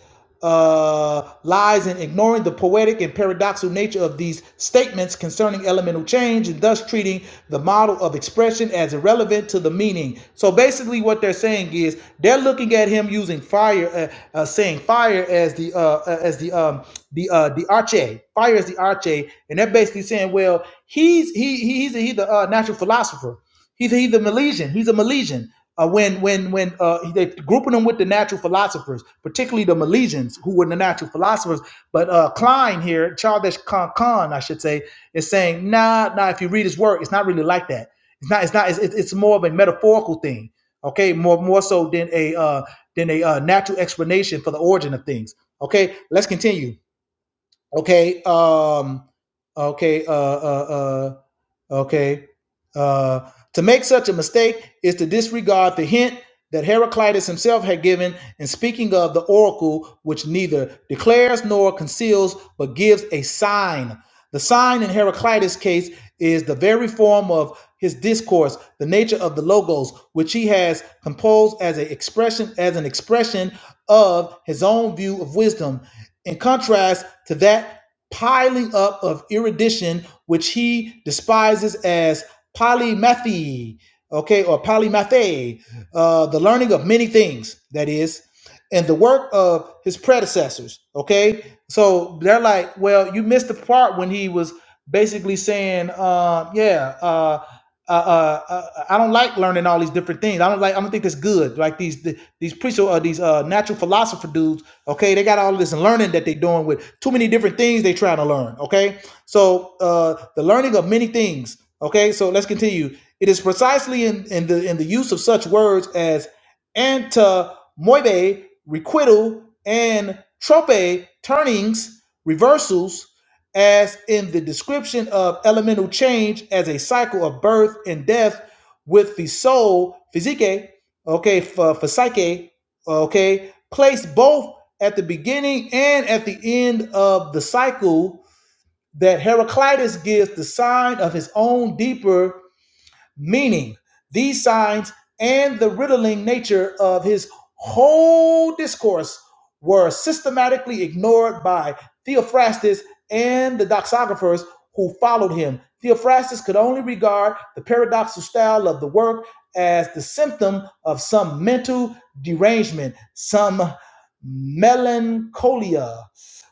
S1: uh, lies in ignoring the poetic and paradoxical nature of these statements concerning elemental change and thus treating the model of expression as irrelevant to the meaning. So basically, what they're saying saying is they're looking at him using fire, uh, uh, saying fire as the uh, uh, as the um, the uh, the arche, fire as the arche, and they're basically saying, well, he's he he's a, he's the uh, natural philosopher. He's a, he's a Milesian. He's a Milesian. Uh, when when when uh, they grouping them with the natural philosophers, particularly the Milesians, who were the natural philosophers. But uh, Klein here, Charles Kahn, Kahn, I should say, is saying, nah, nah. If you read his work, it's not really like that. It's not. It's not. it's it's more of a metaphorical thing okay more more so than a uh than a uh, natural explanation for the origin of things okay let's continue okay um okay uh uh, uh Okay. Uh, to make such a mistake is to disregard the hint that Heraclitus himself had given in speaking of the oracle, which neither declares nor conceals, but gives a sign. The sign in Heraclitus' case is the very form of his discourse, the nature of the logos, which he has composed as a expression, as an expression of his own view of wisdom, in contrast to that piling up of erudition, which he despises as polymathy, okay, or polymathe, uh, the learning of many things, that is, and the work of his predecessors, okay? So they're like, well, you missed the part when he was basically saying, uh, yeah, uh, uh, uh, uh, I don't like learning all these different things. I don't like. I don't think that's good. Like these th- these preacher or these uh, natural philosopher dudes. Okay, they got all this learning that they're doing with too many different things they trying to learn. Okay, so uh, the learning of many things. Okay, so let's continue. It is precisely in, in the in the use of such words as antamoibe, requital, and trope, turnings, reversals, as in the description of elemental change as a cycle of birth and death with the soul, physique, okay, for, for psyche, okay, placed both at the beginning and at the end of the cycle that Heraclitus gives the sign of his own deeper meaning these signs and the riddling nature of his whole discourse were systematically ignored by Theophrastus and the doxographers who followed him. Theophrastus could only regard the paradoxical style of the work as the symptom of some mental derangement, some melancholia,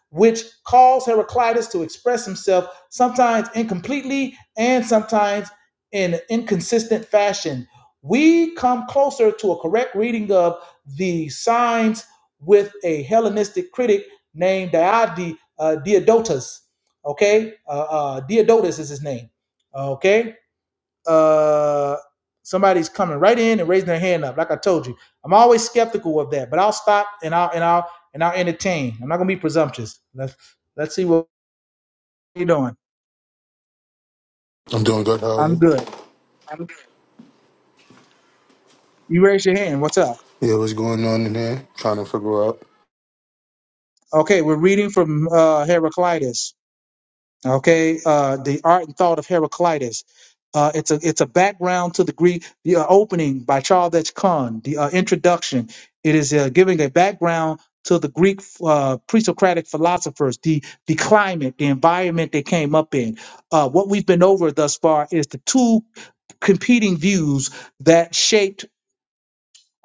S1: which caused Heraclitus to express himself sometimes incompletely and sometimes in an inconsistent fashion, we come closer to a correct reading of the signs with a Hellenistic critic named Diod- uh, Diodotus. Okay, uh, uh, Diodotus is his name. Okay, uh, somebody's coming right in and raising their hand up. Like I told you, I'm always skeptical of that, but I'll stop and I'll and I'll and I'll entertain. I'm not gonna be presumptuous. Let's let's see what you're doing.
S4: I'm doing good. How are
S1: I'm
S4: you?
S1: good. You raise your hand. What's up?
S4: Yeah, what's going on in here? Trying to figure out.
S1: Okay, we're reading from uh, Heraclitus. Okay, uh, the art and thought of Heraclitus. Uh, it's a it's a background to the Greek the uh, opening by Charles H. Kahn. The uh, introduction. It is uh, giving a background to the Greek uh, pre-Socratic philosophers, the the climate, the environment they came up in. Uh, what we've been over thus far is the two competing views that shape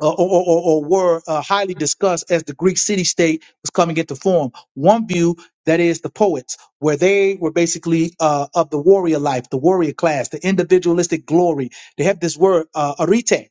S1: uh, or, or, or or were uh, highly discussed as the Greek city state was coming into form. One view, that is the poets, where they were basically uh, of the warrior life, the warrior class, the individualistic glory. They have this word, uh, arete.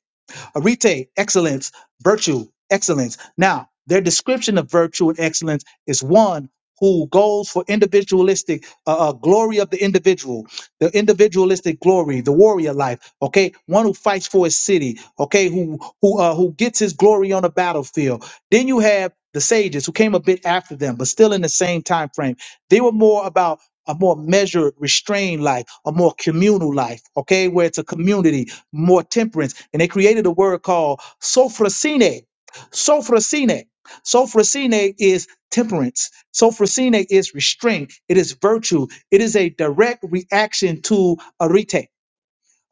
S1: Arete, excellence, virtue, excellence. Now, their description of virtue and excellence is one who goes for individualistic uh, uh, glory of the individual, the individualistic glory, the warrior life. Okay, one who fights for his city. Okay, who who uh, who gets his glory on the battlefield. Then you have the sages who came a bit after them, but still in the same time frame. They were more about a more measured, restrained life, a more communal life. Okay, where it's a community more temperance. And they created a word called sophrosine. Sophrosine. Sophrosine is temperance. Sophrosine is restraint. It is virtue. It is a direct reaction to arete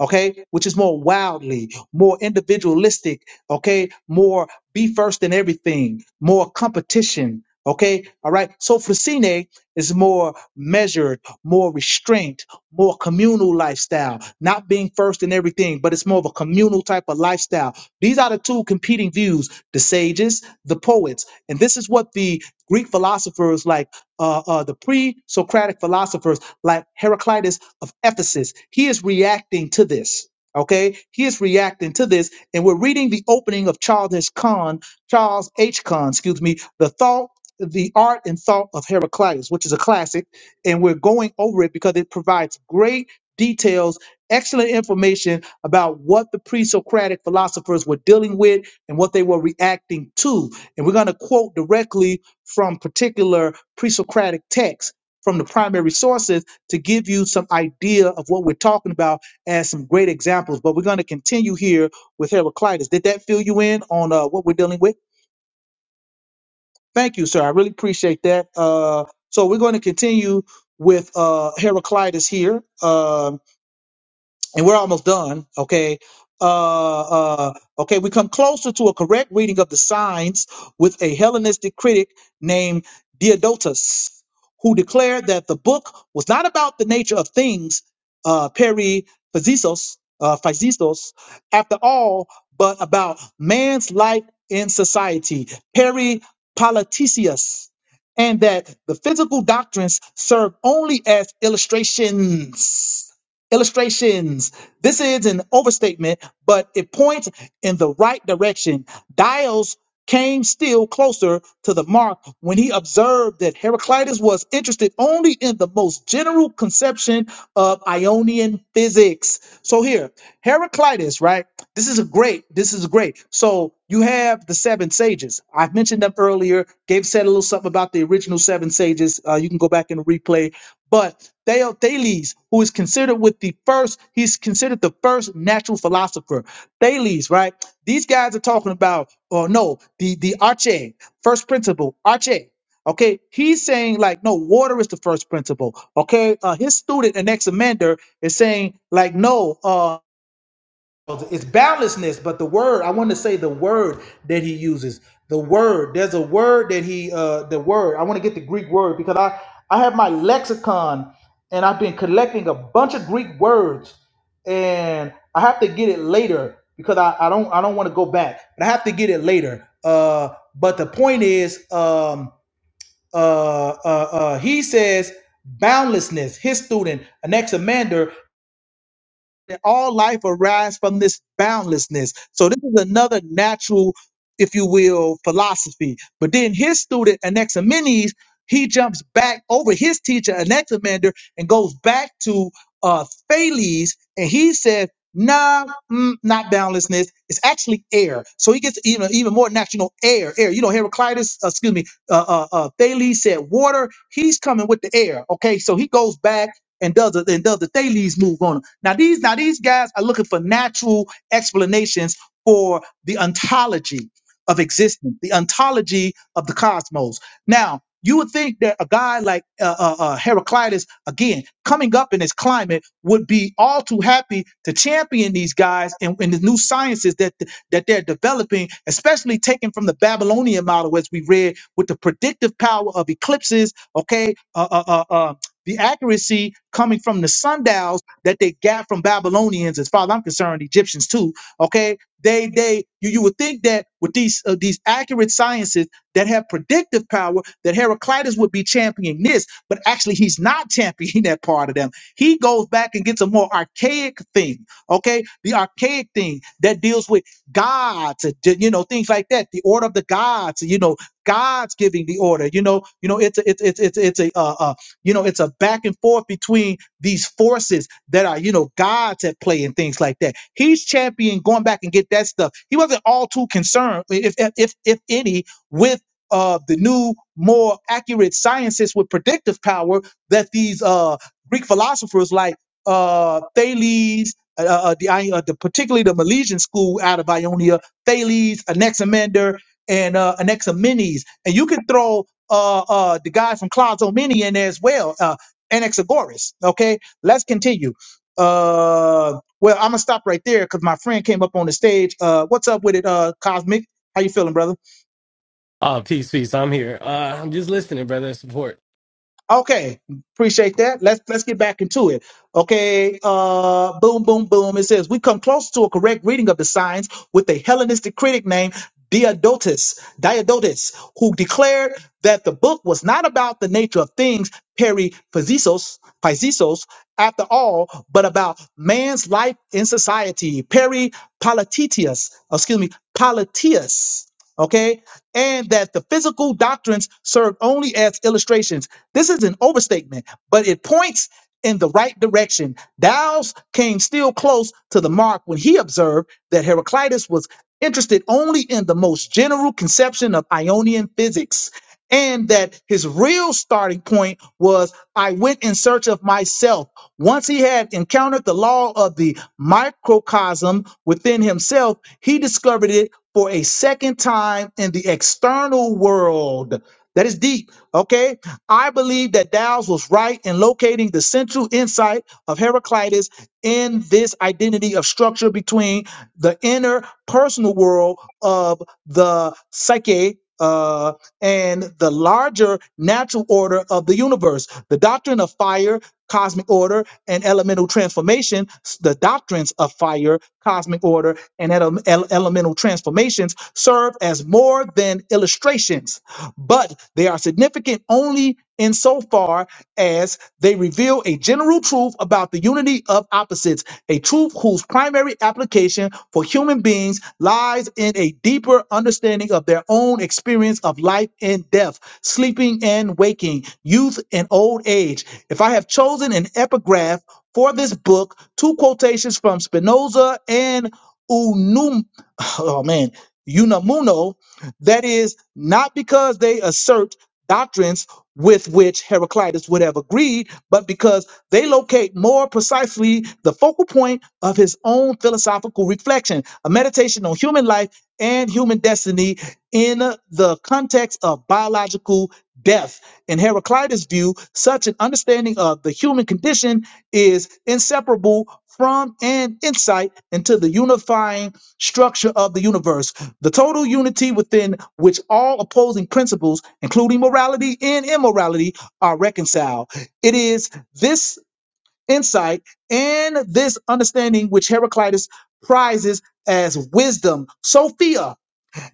S1: okay, which is more wildly, more individualistic, okay, more be first in everything, more competition, okay, all right. So Fascine is more measured, more restraint, more communal lifestyle, not being first in everything, but it's more of a communal type of lifestyle. These are the two competing views: the sages, the poets, and this is what the Greek philosophers like uh, uh, the pre-Socratic philosophers like Heraclitus of Ephesus. He is reacting to this. Okay, he is reacting to this, and we're reading the opening of Charles H. Kahn, Charles H. Kahn, excuse me, the thought, the art and thought of Heraclitus, which is a classic, and we're going over it because it provides great details, excellent information about what the pre-Socratic philosophers were dealing with and what they were reacting to. And we're going to quote directly from particular pre-Socratic texts from the primary sources to give you some idea of what we're talking about as some great examples. But we're going to continue here with Heraclitus. Did that fill you in on uh, what we're dealing with? Thank you, sir. I really appreciate that. Uh, so we're going to continue with uh, Heraclitus here. Um, and we're almost done. Okay. Uh, uh, okay. We come closer to a correct reading of the signs with a Hellenistic critic named Diodotus, who declared that the book was not about the nature of things, uh, peri physisos, uh, physisos, after all, but about man's life in society, peri politicius, and that the physical doctrines serve only as illustrations illustrations. This is an overstatement, but it points in the right direction. Dials came still closer to the mark when he observed that Heraclitus was interested only in the most general conception of Ionian physics. So here, Heraclitus, right? This is a great, this is great. So you have the seven sages. I've mentioned them earlier. Gabe said a little something about the original seven sages. Uh, you can go back and replay but Thales, who is considered with the first, he's considered the first natural philosopher. Thales, right? These guys are talking about, oh no, the the arche, first principle, arche. Okay, he's saying like, no, water is the first principle. Okay, uh, his student Anaximander is saying like, no. Uh, well, It's boundlessness, but the word I want to say the word that he uses. The word. There's a word that he uh the word. I want to get the Greek word because I I have my lexicon and I've been collecting a bunch of Greek words and I have to get it later because I, I don't I don't want to go back. But I have to get it later. Uh but the point is um uh uh, uh he says boundlessness, his student, Anaximander that all life arise from this boundlessness. So this is another natural, if you will, philosophy. But then his student Anaximenes, he jumps back over his teacher Anaximander and goes back to uh, Thales, and he said, "Nah, mm, not boundlessness. It's actually air." So he gets even even more natural air. Air. You know, Heraclitus, uh, excuse me, uh, uh, uh, Thales said water. He's coming with the air. Okay, so he goes back and does a, and does a Thales move on them. Now these now these guys are looking for natural explanations for the ontology of existence, the ontology of the cosmos. Now you would think that a guy like uh, uh, uh, Heraclitus, again coming up in his climate, would be all too happy to champion these guys and, and the new sciences that that they're developing, especially taken from the Babylonian model, as we read, with the predictive power of eclipses. Okay, uh, uh, uh, uh, the accuracy coming from the sundials that they got from Babylonians, as far as I'm concerned, Egyptians too. Okay, they they you, you would think that with these uh, these accurate sciences that have predictive power, that Heraclitus would be championing this, but actually he's not championing that part of them. He goes back and gets a more archaic thing. Okay, the archaic thing that deals with gods, uh, d- you know, things like that, the order of the gods, you know, God's giving the order. You know, you know, it's a, it's it's it's it's a uh, uh, you know, it's a back and forth between these forces that are, you know, gods at play and things like that. He's champion going back and get that stuff. He wasn't all too concerned, if if if, if any, with uh, the new, more accurate sciences with predictive power that these uh, Greek philosophers like uh, Thales, uh, uh, uh, the, I- uh, the particularly the Milesian school out of Ionia, Thales, Anaximander, and uh, Anaximenes, and you can throw uh, uh, the guy from Clouds Mini in there as well, uh, Anaxagoras. Okay, let's continue. Uh, well, I'm gonna stop right there because my friend came up on the stage. Uh, what's up with it, uh, Cosmic? How you feeling, brother?
S5: Oh, peace, peace. I'm here. Uh, I'm just listening, brother. Support.
S1: Okay, appreciate that. Let's let's get back into it. Okay, uh, boom, boom, boom. It says we come close to a correct reading of the signs with a Hellenistic critic named Diodotus, Diodotus, who declared that the book was not about the nature of things, peri physisos, physisos, after all, but about man's life in society, peri peripolitetius, excuse me, politius. Okay, and that the physical doctrines served only as illustrations this is an overstatement, but it points in the right direction. Dow's came still close to the mark when he observed that Heraclitus was interested only in the most general conception of Ionian physics, and that his real starting point was I went in search of myself. Once he had encountered the law of the microcosm within himself, he discovered it for a second time in the external world. That is deep, okay? I believe that Dow's was right in locating the central insight of Heraclitus in this identity of structure between the inner personal world of the psyche. Uh, and the larger natural order of the universe, the doctrine of fire, cosmic order, and elemental transformation, s- the doctrines of fire, cosmic order, and ele- ele- elemental transformations serve as more than illustrations but they are significant only insofar as they reveal a general truth about the unity of opposites, a truth whose primary application for human beings lies in a deeper understanding of their own experience of life and death, sleeping and waking, youth and old age. If I have chosen an epigraph for this book, two quotations from Spinoza and Unum, oh man, Unamuno that is, not because they assert doctrines with which Heraclitus would have agreed, but because they locate more precisely the focal point of his own philosophical reflection, a meditation on human life and human destiny in the context of biological death. In Heraclitus' view, such an understanding of the human condition is inseparable from an insight into the unifying structure of the universe the total unity within which all opposing principles, including morality and immorality, are reconciled. It is this insight and this understanding which Heraclitus prizes as wisdom, Sophia,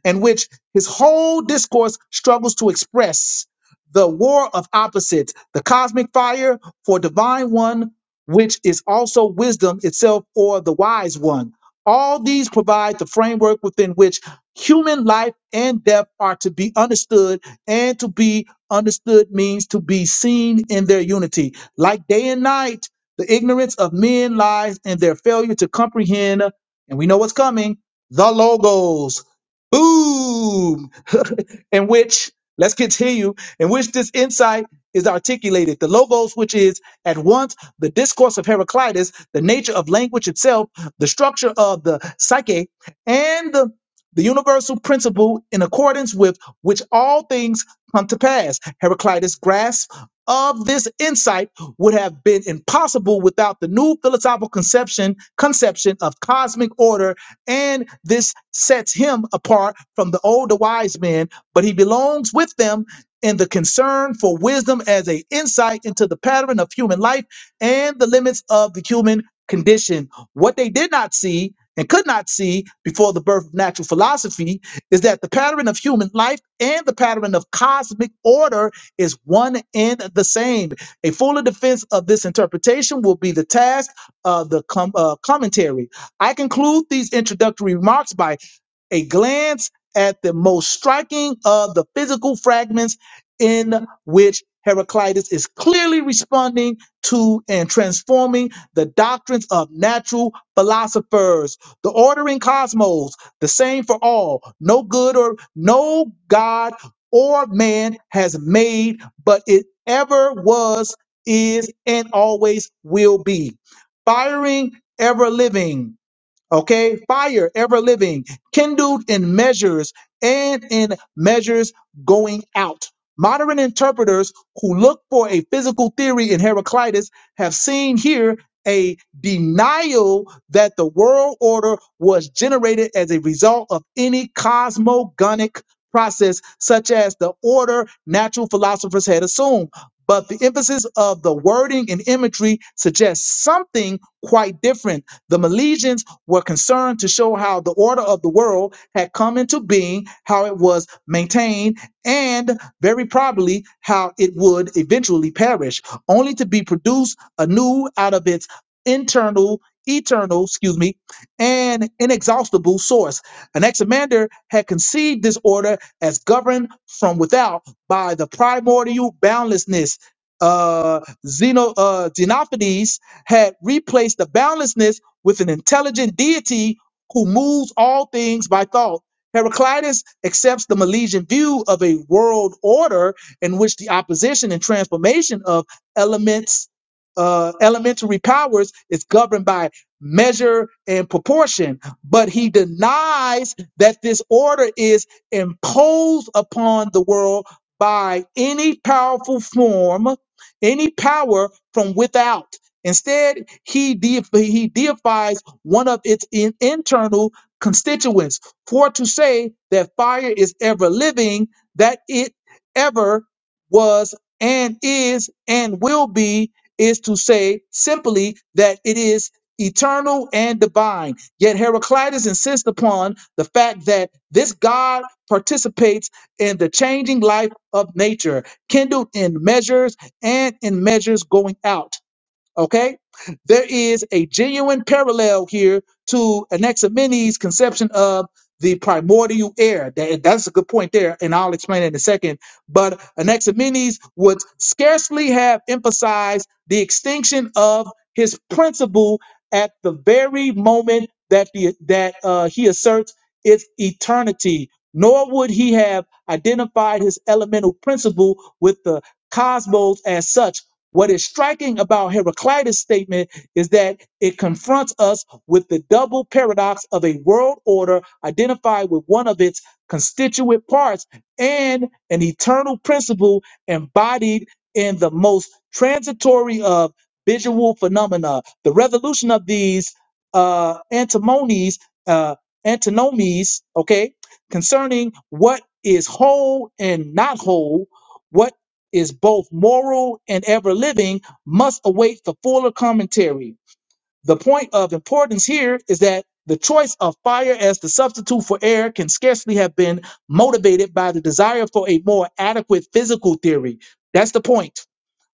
S1: in which his whole discourse struggles to express the war of opposites, the cosmic fire for divine one, which is also wisdom itself or the wise one. All these provide the framework within which human life and death are to be understood, and to be understood means to be seen in their unity. Like day and night, the ignorance of men lies in their failure to comprehend, and we know what's coming, the logos Boom! in which, let's continue, in which this insight is articulated. The logos, which is at once the discourse of Heraclitus, the nature of language itself, the structure of the psyche, and the, the universal principle in accordance with which all things come to pass. Heraclitus' grasp of this insight would have been impossible without the new philosophical conception conception of cosmic order and this sets him apart from the older wise men, but he belongs with them in the concern for wisdom as a insight into the pattern of human life and the limits of the human condition. What they did not see and could not see before the birth of natural philosophy is that the pattern of human life and the pattern of cosmic order is one and the same. A fuller defense of this interpretation will be the task of the com- uh, commentary. I conclude these introductory remarks by a glance at the most striking of the physical fragments in which Heraclitus is clearly responding to and transforming the doctrines of natural philosophers. The order in cosmos, the same for all, no good or no God or man has made, but it ever was, is, and always will be. Firing ever living, Okay, fire ever living, kindled in measures and in measures going out. Modern interpreters who look for a physical theory in Heraclitus have seen here a denial that the world order was generated as a result of any cosmogonic process, such as the order natural philosophers had assumed. But the emphasis of the wording and imagery suggests something quite different. The Milesians were concerned to show how the order of the world had come into being, how it was maintained, and very probably how it would eventually perish, only to be produced anew out of its internal, eternal, excuse me, and inexhaustible source. Anaximander had conceived this order as governed from without by the primordial boundlessness. Uh, Xeno, uh, Xenophanes had replaced the boundlessness with an intelligent deity who moves all things by thought. Heraclitus accepts the Milesian view of a world order in which the opposition and transformation of elements, uh, elementary powers, is governed by measure and proportion. But he denies that this order is imposed upon the world by any powerful form, any power from without. Instead, he, deif- he deifies one of its in- internal constituents, for to say that fire is ever living, that it ever was and is and will be, is to say simply that it is eternal and divine. Yet Heraclitus insists upon the fact that this God participates in the changing life of nature, kindled in measures and in measures going out. Okay? There is a genuine parallel here to Anaximenes' conception of the primordial air. That- That's a good point there, and I'll explain it in a second. But Anaximenes would scarcely have emphasized the extinction of his principle at the very moment that the that uh, he asserts its eternity, nor would he have identified his elemental principle with the cosmos as such what is striking about Heraclitus' statement is that it confronts us with the double paradox of a world order identified with one of its constituent parts and an eternal principle embodied in the most transitory of visual phenomena. The resolution of these uh, antimonies, uh, antinomies, okay, concerning what is whole and not whole what is both moral and ever living must await the fuller commentary. The point of importance here is that the choice of fire as the substitute for air can scarcely have been motivated by the desire for a more adequate physical theory. That's the point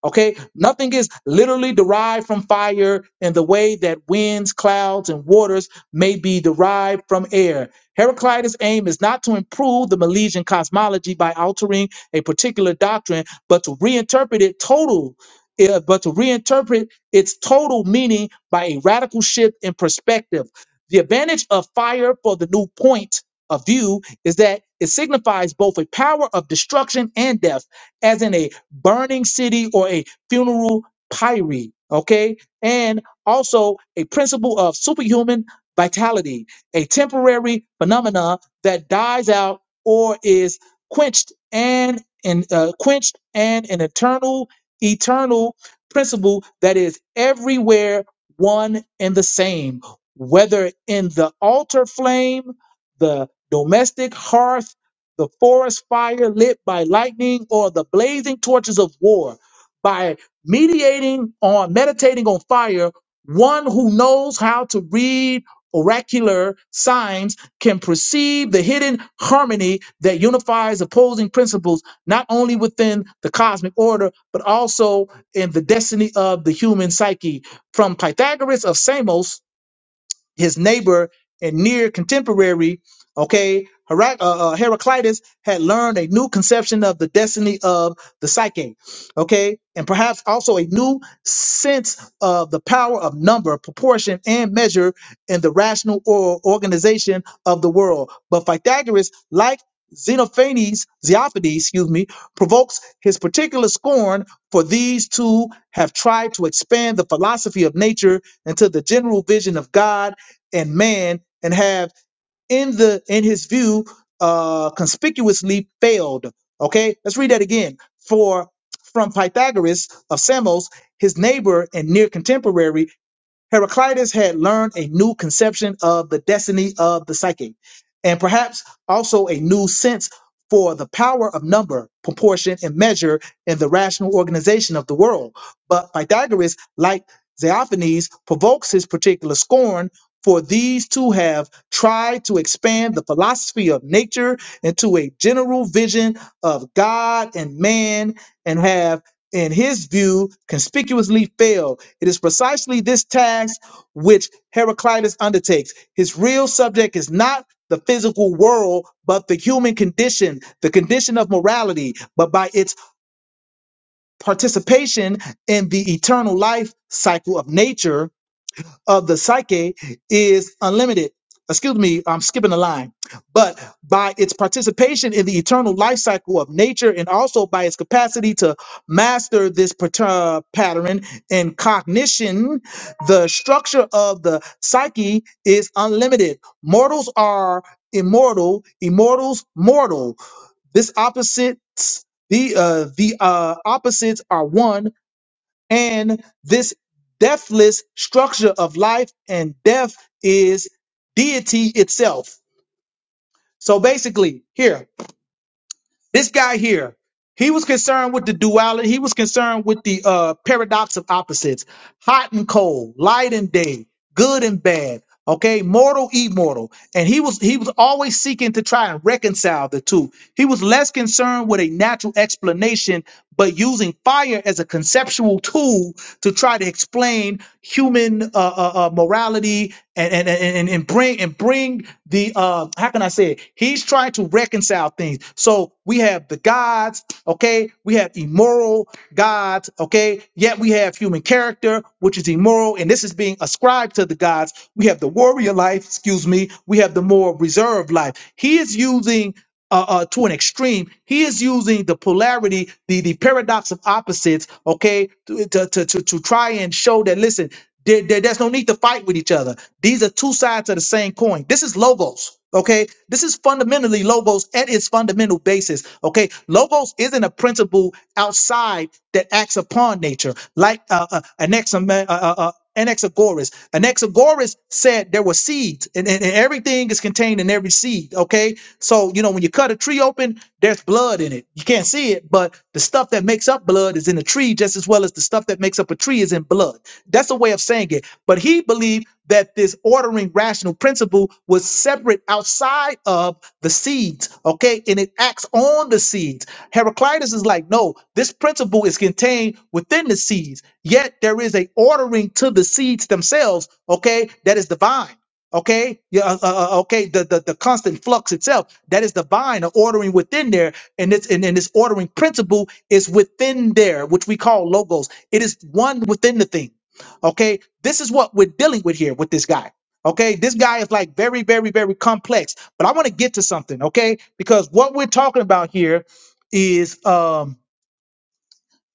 S1: Okay, nothing is literally derived from fire in the way that winds, clouds, and waters may be derived from air. Heraclitus' aim is not to improve the Milesian cosmology by altering a particular doctrine, but to reinterpret it total, eh, but to reinterpret its total meaning by a radical shift in perspective. The advantage of fire for the new point of view is that it signifies both a power of destruction and death, as in a burning city, or a funeral pyre. Okay. And also a principle of superhuman vitality, a temporary phenomena that dies out or is quenched and in uh, quenched and an eternal eternal principle that is everywhere one and the same whether in the altar flame the domestic hearth the forest fire lit by lightning or the blazing torches of war by mediating on meditating on fire one who knows how to read oracular signs can perceive the hidden harmony that unifies opposing principles not only within the cosmic order but also in the destiny of the human psyche from pythagoras of samos his neighbor and near contemporary, okay, Hera- uh, uh, Heraclitus had learned a new conception of the destiny of the psyche, okay, and perhaps also a new sense of the power of number, proportion, and measure in the rational or organization of the world. But Pythagoras, like Xenophanes, Xenophanes, excuse me, provokes his particular scorn for these two have tried to expand the philosophy of nature into the general vision of God and man and have in the in his view uh conspicuously failed okay let's read that again for from pythagoras of samos his neighbor and near contemporary Heraclitus had learned a new conception of the destiny of the psyche, and perhaps also a new sense for the power of number, proportion, and measure in the rational organization of the world. But Pythagoras, like Xenophanes, provokes his particular scorn. For these two have tried to expand the philosophy of nature into a general vision of God and man, and have, in his view, conspicuously failed it is precisely this task which Heraclitus undertakes. His real subject is not the physical world, but the human condition, the condition of morality. But by its participation in the eternal life cycle of nature, of the psyche is unlimited. Excuse me, I'm skipping a line. But by its participation in the eternal life cycle of nature and also by its capacity to master this pat- uh, pattern and cognition, the structure of the psyche is unlimited. Mortals are immortal, immortals mortal. This opposites the uh the uh opposites are one and this deathless structure of life and death is deity itself. So basically, here, this guy here, he was concerned with the duality. He was concerned with the uh, paradox of opposites, hot and cold, light and day, good and bad. Okay, mortal, immortal, and he was he was always seeking to try and reconcile the two. He was less concerned with a natural explanation, but using fire as a conceptual tool to try to explain human uh, uh, uh, morality and and, and and and bring and bring the uh how can I say it? He's trying to reconcile things. So we have the gods, okay? We have immoral gods, okay? Yet we have human character, which is immoral, and this is being ascribed to the gods. We have the warrior life, excuse me. We have the more reserved life. He is using uh, uh, to an extreme. He is using the polarity, the, the paradox of opposites, okay, to, to, to, to, to try and show that, listen, there, there- there's no need to fight with each other. These are two sides of the same coin. This is logos, okay? This is fundamentally logos at its fundamental basis, okay? Logos isn't a principle outside that acts upon nature, like uh, uh, an Anaxagoras. Anaxagoras said there were seeds, and, and, and everything is contained in every seed. Okay, so you know when you cut a tree open, there's blood in it. You can't see it, but the stuff that makes up blood is in the tree, just as well as the stuff that makes up a tree is in blood. That's a way of saying it. But he believed that this ordering rational principle was separate outside of the seeds. Okay, and it acts on the seeds. Heraclitus is like, no, this principle is contained within the seeds. Yet there is a ordering to the seeds themselves, okay, that is divine. Okay, yeah, uh, uh, uh, okay. The, the the constant flux itself that is divine, or ordering within there, and this and, and this ordering principle is within there, which we call logos. It is one within the thing. Okay, this is what we're dealing with here with this guy. Okay, this guy is like very, very, very complex. But I want to get to something. Okay, because what we're talking about here is um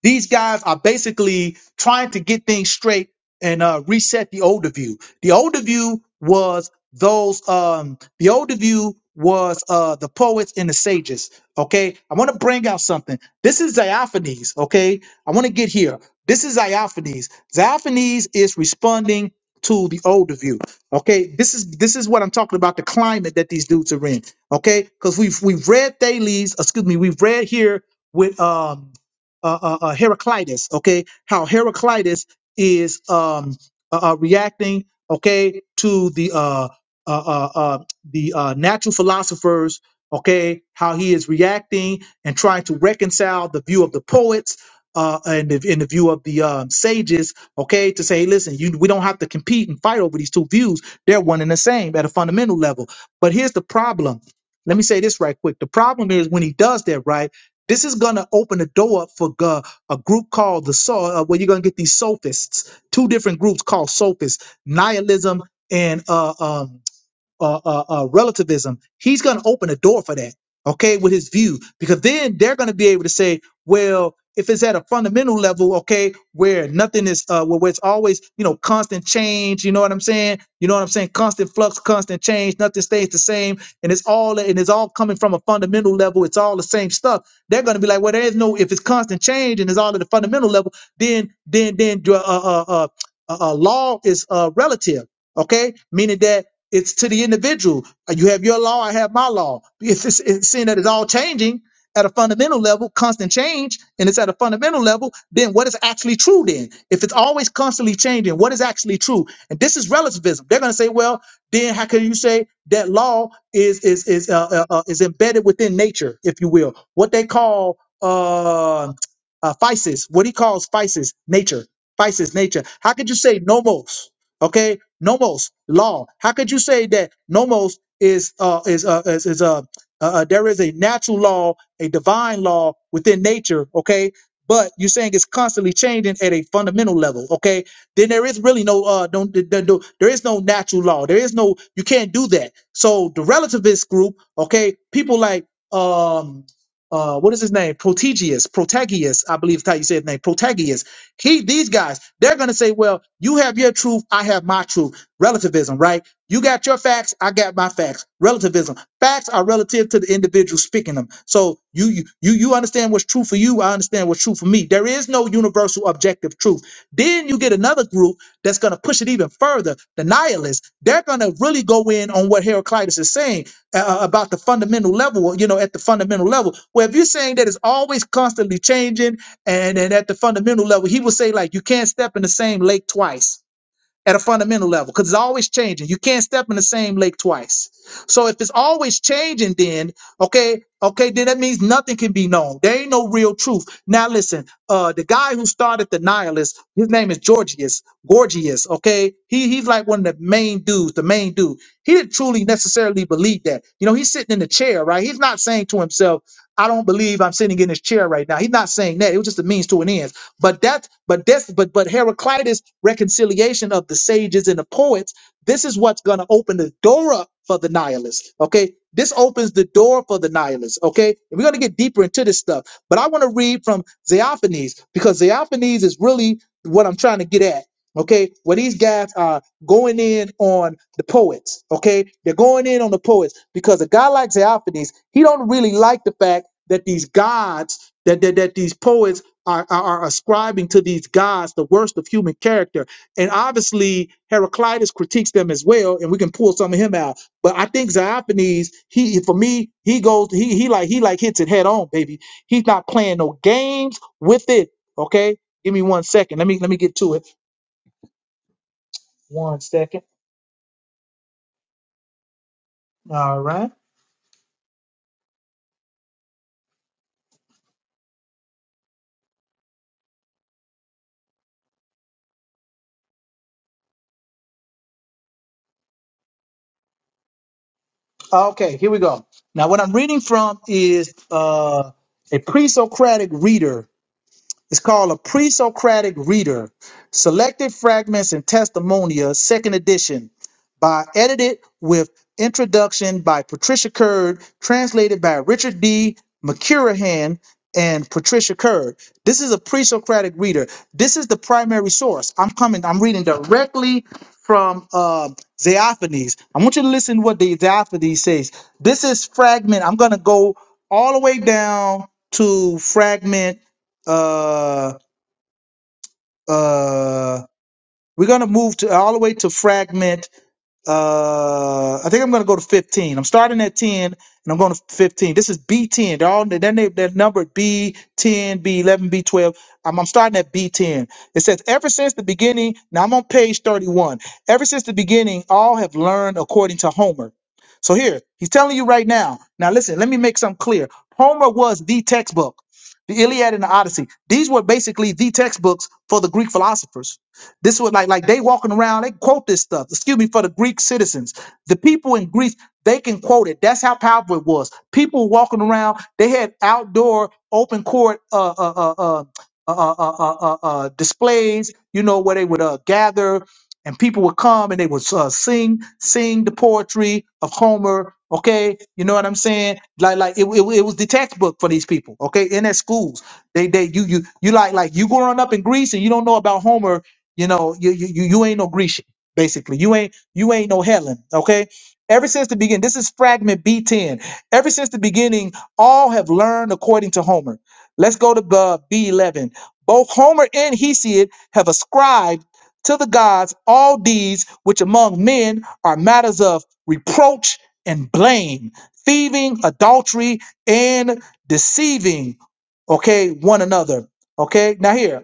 S1: these guys are basically trying to get things straight and uh, reset the older view. The older view was those. Um, the older view was uh, the poets and the sages. Okay, I want to bring out something. This is Diophanes. Okay, I want to get here. This is Diophanes. Diophanes is responding to the older view. Okay, this is this is what I'm talking about. The climate that these dudes are in. Okay, because we've we've read Thales. Excuse me, we've read here with um uh, uh, uh, Heraclitus, okay, how Heraclitus is um, uh, uh, reacting, okay, to the uh, uh, uh, uh, the uh, natural philosophers, okay, how he is reacting and trying to reconcile the view of the poets. Uh, and the, in the view of the um, sages, okay, to say, listen, you, we don't have to compete and fight over these two views. They're one and the same at a fundamental level. But here's the problem. Let me say this right quick. The problem is when he does that, right? This is gonna open the door up for gu- a group called the Saw, uh, where you're gonna get these sophists. Two different groups called sophists: nihilism and uh, um, uh, uh, uh, relativism, he's going to open a door for that, okay, with his view, because then they're going to be able to say, well, if it's at a fundamental level, okay, where nothing is, uh, where where it's always, you know, constant change, you know what I'm saying? You know what I'm saying? Constant flux, constant change, nothing stays the same, and it's all, and it's all coming from a fundamental level. It's all the same stuff. They're going to be like, well, there is no, if it's constant change and it's all at the fundamental level, then, then, then, uh, uh, uh, uh, uh, law is uh, relative, okay, meaning that it's to the individual. You have your law, I have my law. It's, it's, it's seeing that it's all changing at a fundamental level, constant change, and it's at a fundamental level, then what is actually true then? If it's always constantly changing, what is actually true? And this is relativism. They're going to say, well, then how can you say that law is is is uh, uh, uh, is embedded within nature, if you will? What they call uh, uh, physis, what he calls physis, nature, physis, nature. How could you say nomos? Okay, nomos law how could you say that nomos is uh is uh is, is uh, uh uh, there is a natural law a divine law within nature okay but you're saying it's constantly changing at a fundamental level okay then there is really no uh no, th- th- no there is no natural law there is no you can't do that so the relativist group okay people like um uh what is his name protegius protagius i believe is how you say his name protagius he, these guys, they're going to say, well, you have your truth, I have my truth. Relativism, right? You got your facts, I got my facts. Relativism. Facts are relative to the individual speaking them. So you, you, you you understand what's true for you, I understand what's true for me. There is no universal objective truth. Then you get another group that's going to push it even further. The nihilists, they're going to really go in on what Heraclitus is saying uh, uh, about the fundamental level, you know, at the fundamental level. Where if you're saying that it's always constantly changing, and and at the fundamental level, he would say like you can't step in the same lake twice at a fundamental level because it's always changing. You can't step in the same lake twice. So if it's always changing, then okay, okay, then that means nothing can be known. There ain't no real truth. Now listen, uh, the guy who started the nihilist, his name is Georgius, Gorgias. Okay, he he's like one of the main dudes, the main dude. He didn't truly necessarily believe that. You know, he's sitting in the chair, right? He's not saying to himself, "I don't believe I'm sitting in this chair right now." He's not saying that. It was just a means to an end. But that, but this, but but Heraclitus' reconciliation of the sages and the poets, this is what's gonna open the door up for the nihilist. Okay. This opens the door for the nihilist. Okay. And we're gonna get deeper into this stuff. But I want to read from Xeophanes because Xeophanes is really what I'm trying to get at. Okay, where these guys are going in on the poets. Okay, they're going in on the poets because a guy like Xeophanes, he don't really like the fact that these gods, that that, that these poets are, are are ascribing to these gods the worst of human character. And obviously, Heraclitus critiques them as well, and we can pull some of him out. But I think Xenophanes, he for me, he goes, he he like he like hits it head on, baby. He's not playing no games with it. Okay, give me one second. Let me let me get to it. One second. All right. Okay, here we go. Now, what I'm reading from is uh, a pre-Socratic reader It's called a pre-Socratic reader. Selected fragments and testimonia, second edition, by edited with introduction by Patricia Curd, translated by Richard D. McCurahan and Patricia Curd. This is a pre-Socratic reader. This is the primary source. I'm coming. I'm reading directly from uh, Xenophanes. I want you to listen to what the Xenophanes says. This is fragment. I'm gonna go all the way down to fragment uh uh we're gonna move to all the way to fragment uh, I think I'm going to go to 15. I'm starting at 10 and I'm going to 15. This is B10. They're all they're, they're they're numbered B10, B11, B12. I'm, I'm starting at B10. It says, Ever since the beginning, now I'm on page 31. Ever since the beginning, all have learned according to Homer. So here, he's telling you right now. Now listen, let me make something clear. Homer was the textbook, the Iliad and the Odyssey. These were basically the textbooks for the Greek philosophers this was like like they walking around, they quote this stuff. Excuse me for the Greek citizens. The people in Greece, they can quote it. That's how powerful it was. People walking around, they had outdoor open court uh uh uh uh uh, uh, uh, uh, uh, uh, uh, displays, you know, where they would uh, gather and people would come and they would uh, sing, sing the poetry of Homer. Okay, you know what I'm saying? Like, like it, it, it was the textbook for these people. Okay, in their schools, they, they, you, you, you like, like you growing up in Greece and you don't know about Homer you know, you you you you ain't no Grecian, basically. You ain't you ain't no Helen, okay? Ever since the beginning, this is fragment B10. Ever since the beginning, all have learned according to Homer. Let's go to uh, B11. Both Homer and Hesiod have ascribed to the gods all deeds which among men are matters of reproach and blame, thieving, adultery, and deceiving, okay, one another. Okay, now here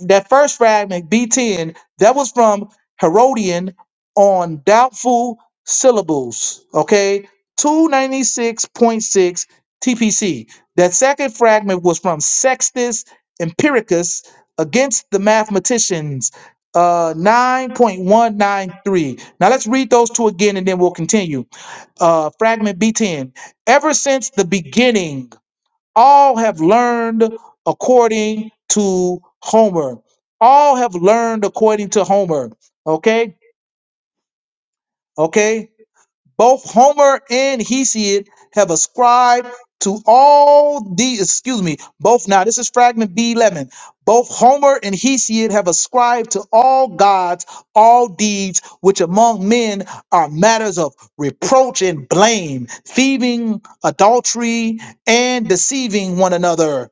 S1: that first fragment, B10, that was from Herodian on doubtful syllables, okay? 296.6 TPC. That second fragment was from Sextus Empiricus against the mathematicians, uh, 9.193. Now let's read those two again and then we'll continue. Uh, fragment B10. Ever since the beginning, all have learned according to Homer. All have learned according to Homer. Okay? Okay? Both Homer and Hesiod have ascribed to all the excuse me, both now this is fragment B11. Both Homer and Hesiod have ascribed to all gods all deeds which among men are matters of reproach and blame, thieving, adultery, and deceiving one another.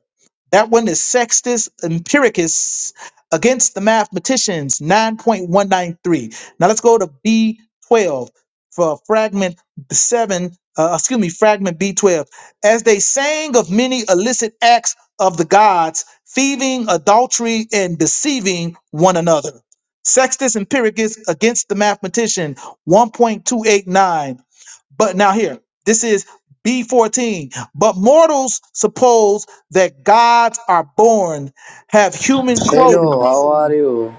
S1: That one is Sextus Empiricus against the mathematicians 9.193. Now let's go to B12 for fragment seven, uh, excuse me, fragment B12. As they sang of many illicit acts of the gods, thieving, adultery, and deceiving one another. Sextus Empiricus against the mathematician, 1.289. But now here, this is B14. But mortals suppose that gods are born, have human clothing.
S6: Hello, how are you?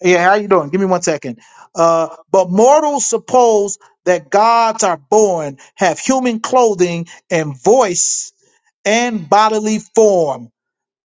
S1: Yeah, how you doing? Give me one second. Uh, but mortals suppose that gods are born, have human clothing and voice and bodily form.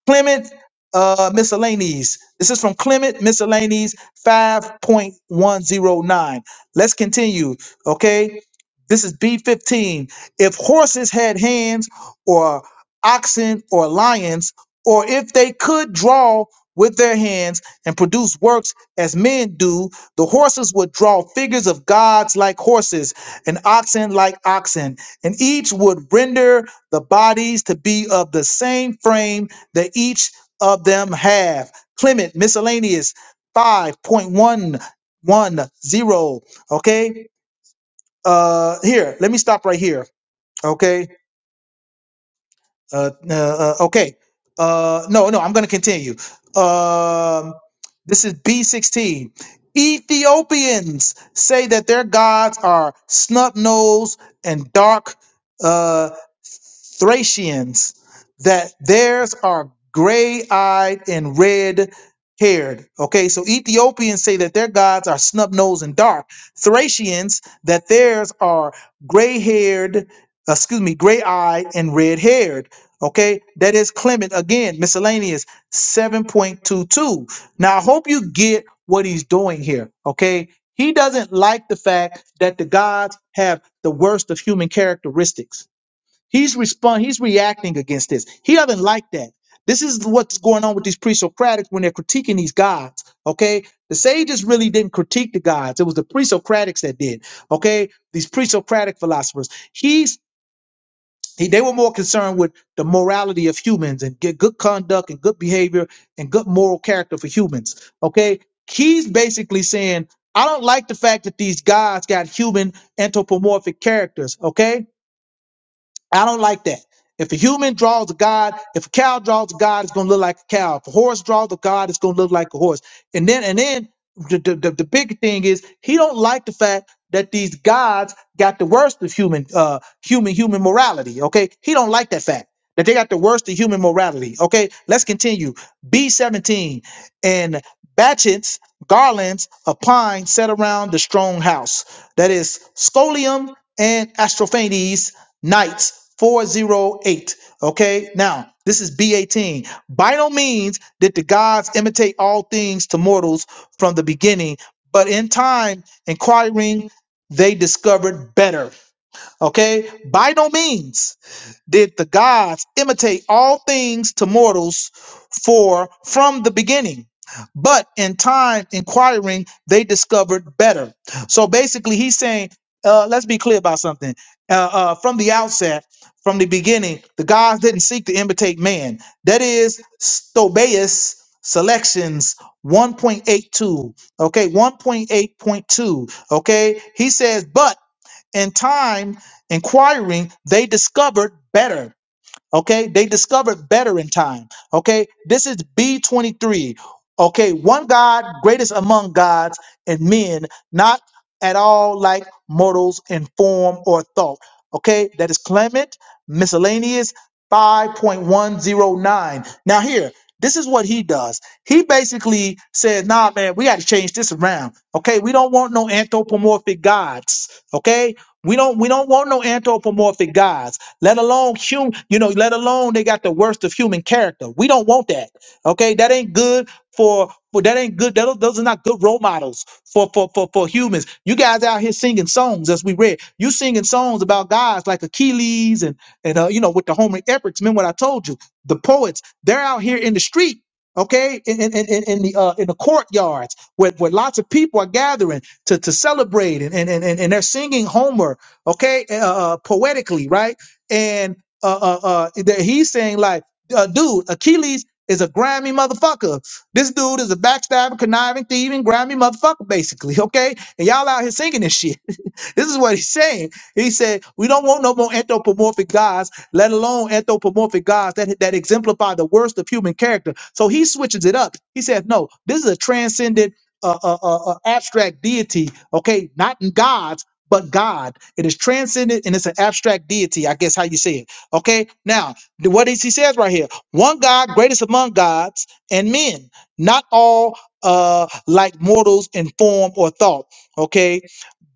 S1: Clement uh, Miscellanies. This is from Clement Miscellanies 5.109. Let's continue, okay? This is B15. If horses had hands, or oxen, or lions, or if they could draw with their hands and produce works as men do, the horses would draw figures of gods like horses, and oxen like oxen, and each would render the bodies to be of the same frame that each of them have. Clement, miscellaneous 5.110. Okay. Uh, here, let me stop right here. Okay. Uh, uh, uh, okay. Uh, no, no, I'm going to continue. Um, This is B16. Ethiopians say that their gods are snub nosed and dark uh, Thracians, that theirs are gray eyed and red haired. Okay, so Ethiopians say that their gods are snub nosed and dark. Thracians, that theirs are gray haired, excuse me, gray eyed and red haired. Okay, that is Clement again, miscellaneous 7.22 now, I hope you get what he's doing here, okay? He doesn't like the fact that the gods have the worst of human characteristics. He's respond he's reacting against this. He doesn't like that. This is what's going on with these pre-Socratics when they're critiquing these gods, okay? The sages really didn't critique the gods. It was the pre-Socratics that did, okay? These pre-Socratic philosophers. He's he, they were more concerned with the morality of humans and get good conduct and good behavior and good moral character for humans. Okay. He's basically saying, I don't like the fact that these gods got human anthropomorphic characters. Okay I don't like that. If a human draws a god, if a cow draws a god, it's gonna look like a cow. If a horse draws a god, it's gonna look like a horse. And then and then the the, the, the bigger thing is he don't like the fact that these gods got the worst of human uh human human morality. Okay, he don't like that fact that they got the worst of human morality. Okay, let's continue. B seventeen and batchets garlands of pine set around the strong house. That is scolium and astrophanies Knights 408. Okay, now this is B18. By no means did the gods imitate all things to mortals from the beginning, but in time, inquiring, they discovered better. Okay, by no means did the gods imitate all things to mortals for from the beginning but in time inquiring they discovered better so basically he's saying uh, let's be clear about something uh, uh, from the outset from the beginning the gods didn't seek to imitate man that is stobaeus selections 1.82 okay 1.8.2 okay he says but in time, inquiring, they discovered better. Okay, they discovered better in time. Okay, this is B23. Okay, one God, greatest among gods and men, not at all like mortals in form or thought. Okay, that is Clement, miscellaneous 5.109. Now, here, this is what he does. He basically says, nah, man, we got to change this around. Okay, we don't want no anthropomorphic gods. Okay, we don't we don't want no anthropomorphic gods let alone human, you know, let alone they got the worst of human character. We don't want that. Okay, that ain't good for, for that ain't good. That, those are not good role models for, for for for humans. You guys out here singing songs, as we read, you singing songs about guys like Achilles and and uh, you know with the Homeric epics. Remember what I told you? The poets, they're out here in the street. Okay, in, in, in, in in the uh, in the courtyards where, where lots of people are gathering to, to celebrate and, and, and, and they're singing Homer, okay, uh, uh, poetically, right? and uh, uh, uh, that he's saying like, uh, dude, Achilles is a grimy motherfucker. This dude is a backstabbing, conniving, thieving, grimy motherfucker, basically. Okay, and y'all out here singing this shit. This is what he's saying. He said, We don't want no more anthropomorphic gods, let alone anthropomorphic gods that, that exemplify the worst of human character. So he switches it up. He says, No, this is a transcendent, uh, uh, uh, uh, abstract deity, okay? Not in gods, but God. It is transcendent and it's an abstract deity, I guess how you say it, okay? Now, the- what is he says right here one God, greatest among gods and men, not all uh like mortals in form or thought okay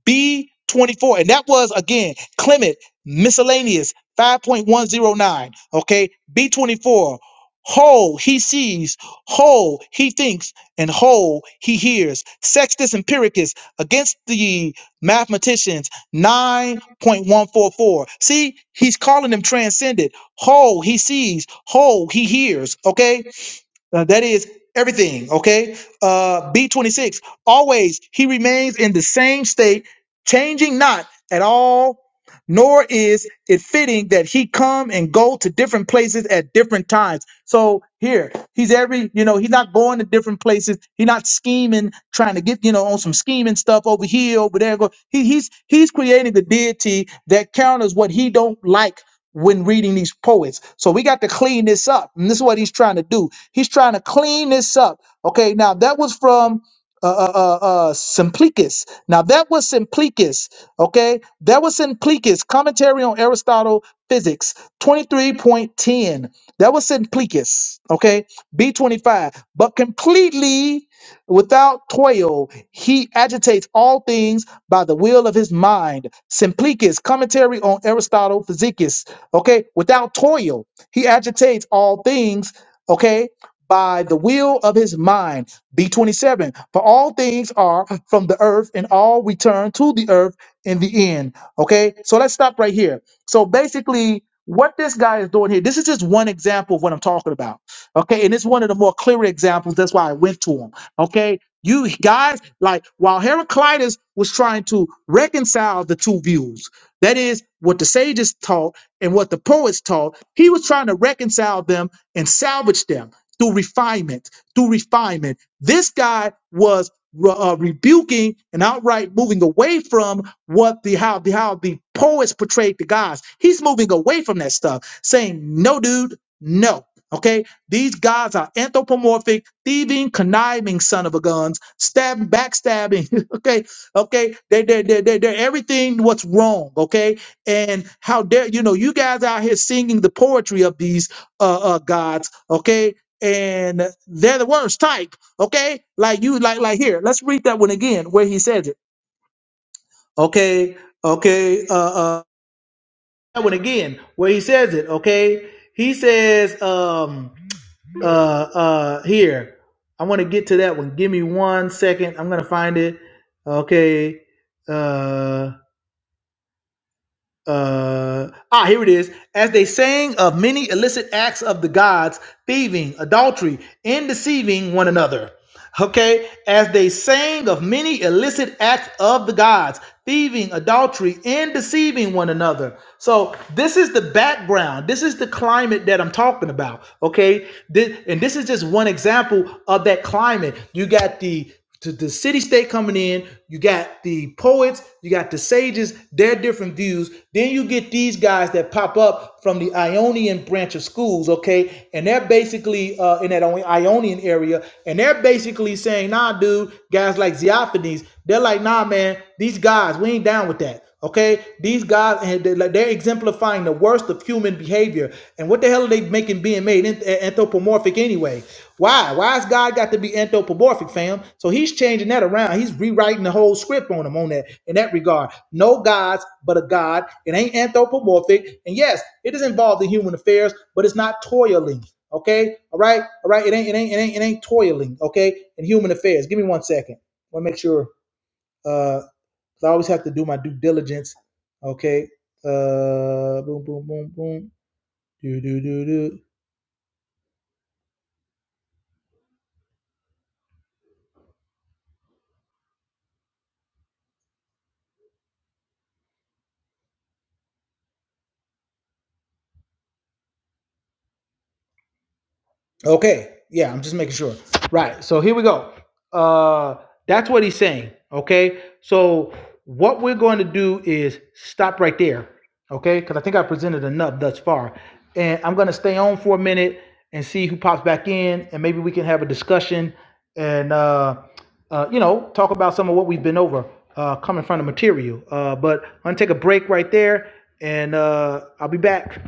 S1: B24. And that was again Clement miscellaneous 5.109. Okay. B24. Whole he sees, whole he thinks, and whole he hears. Sextus Empiricus against the mathematicians 9.144. See, he's calling them transcendent. Whole he sees, whole he hears. Okay uh, that is everything, okay? Uh, B26, always he remains in the same state, changing not at all, nor is it fitting that he come and go to different places at different times. So here, he's every, you know, he's not going to different places. He's not scheming, trying to get, you know, on some scheming stuff over here, over there. Go. He, he's he's creating the deity that counters what he don't like when reading these poets. So we got to clean this up. And this is what he's trying to do. He's trying to clean this up. Okay, now that was from uh, uh, uh, uh, Simplicus. Now that was Simplicus. Okay, that was Simplicus. Commentary on Aristotle Physics 23.10. That was Simplicus. Okay, B25. But completely without toil, he agitates all things by the will of his mind. Simplicus, commentary on Aristotle Physicus Okay, without toil, he agitates all things, okay, by the will of his mind. B27, for all things are from the earth and all return to the earth in the end. Okay, so let's stop right here. So basically, what this guy is doing here, this is just one example of what I'm talking about. Okay, and it's one of the more clear examples. That's why I went to him. Okay, you guys, like while Heraclitus was trying to reconcile the two views, that is what the sages taught and what the poets taught. He was trying to reconcile them and salvage them through refinement, through refinement. This guy was re- uh, rebuking and outright moving away from what the how the how the poets portrayed the gods. He's moving away from that stuff, saying, "No, dude, no." Okay, these gods are anthropomorphic, thieving, conniving son of a guns, stabbing, backstabbing. okay, okay, they they they they- they're everything what's wrong. Okay, and how dare you know you guys out here singing the poetry of these uh, uh gods okay and they're the worst type okay like you like like here let's read that one again where he says it okay okay uh uh that one again where he says it okay he says um uh uh here i want to get to that one give me one second i'm gonna find it okay uh uh ah here it is as they sang of many illicit acts of the gods thieving adultery and deceiving one another okay as they sang of many illicit acts of the gods thieving adultery and deceiving one another so this is the background this is the climate that i'm talking about okay Thi- and this is just one example of that climate you got the to the city state coming in. You got the poets, you got the sages, their different views. Then you get these guys that pop up from the Ionian branch of schools, okay? And they're basically uh, in that Ionian area, and they're basically saying, nah, dude, guys like Xeophanes, they're like, nah, man, these guys, we ain't down with that. Okay, these guys they- are exemplifying the worst of human behavior. And what the hell are they making being made anthropomorphic anyway? Why? Why has God got to be anthropomorphic, fam? So he's changing that around. He's rewriting the whole script on him on that in that regard. No gods, but a God. It ain't anthropomorphic. And yes, it is involved in human affairs, but it's not toiling. Okay? All right? All right. It ain't it ain't it ain't it ain't toiling, okay? In human affairs. Give me one second. I want to make sure uh 'cause I always have to do my due diligence. Okay. Uh boom, boom, boom, boom. Do do do do. Okay. Yeah, I'm just making sure. Right. So here we go. Uh that's what he's saying. Okay. So what we're going to do is stop right there. Okay? Because I think I presented enough thus far. And I'm gonna stay on for a minute and see who pops back in and maybe we can have a discussion and uh uh, you know, talk about some of what we've been over, uh, coming from the material. Uh, but I'm gonna take a break right there, and uh, I'll be back.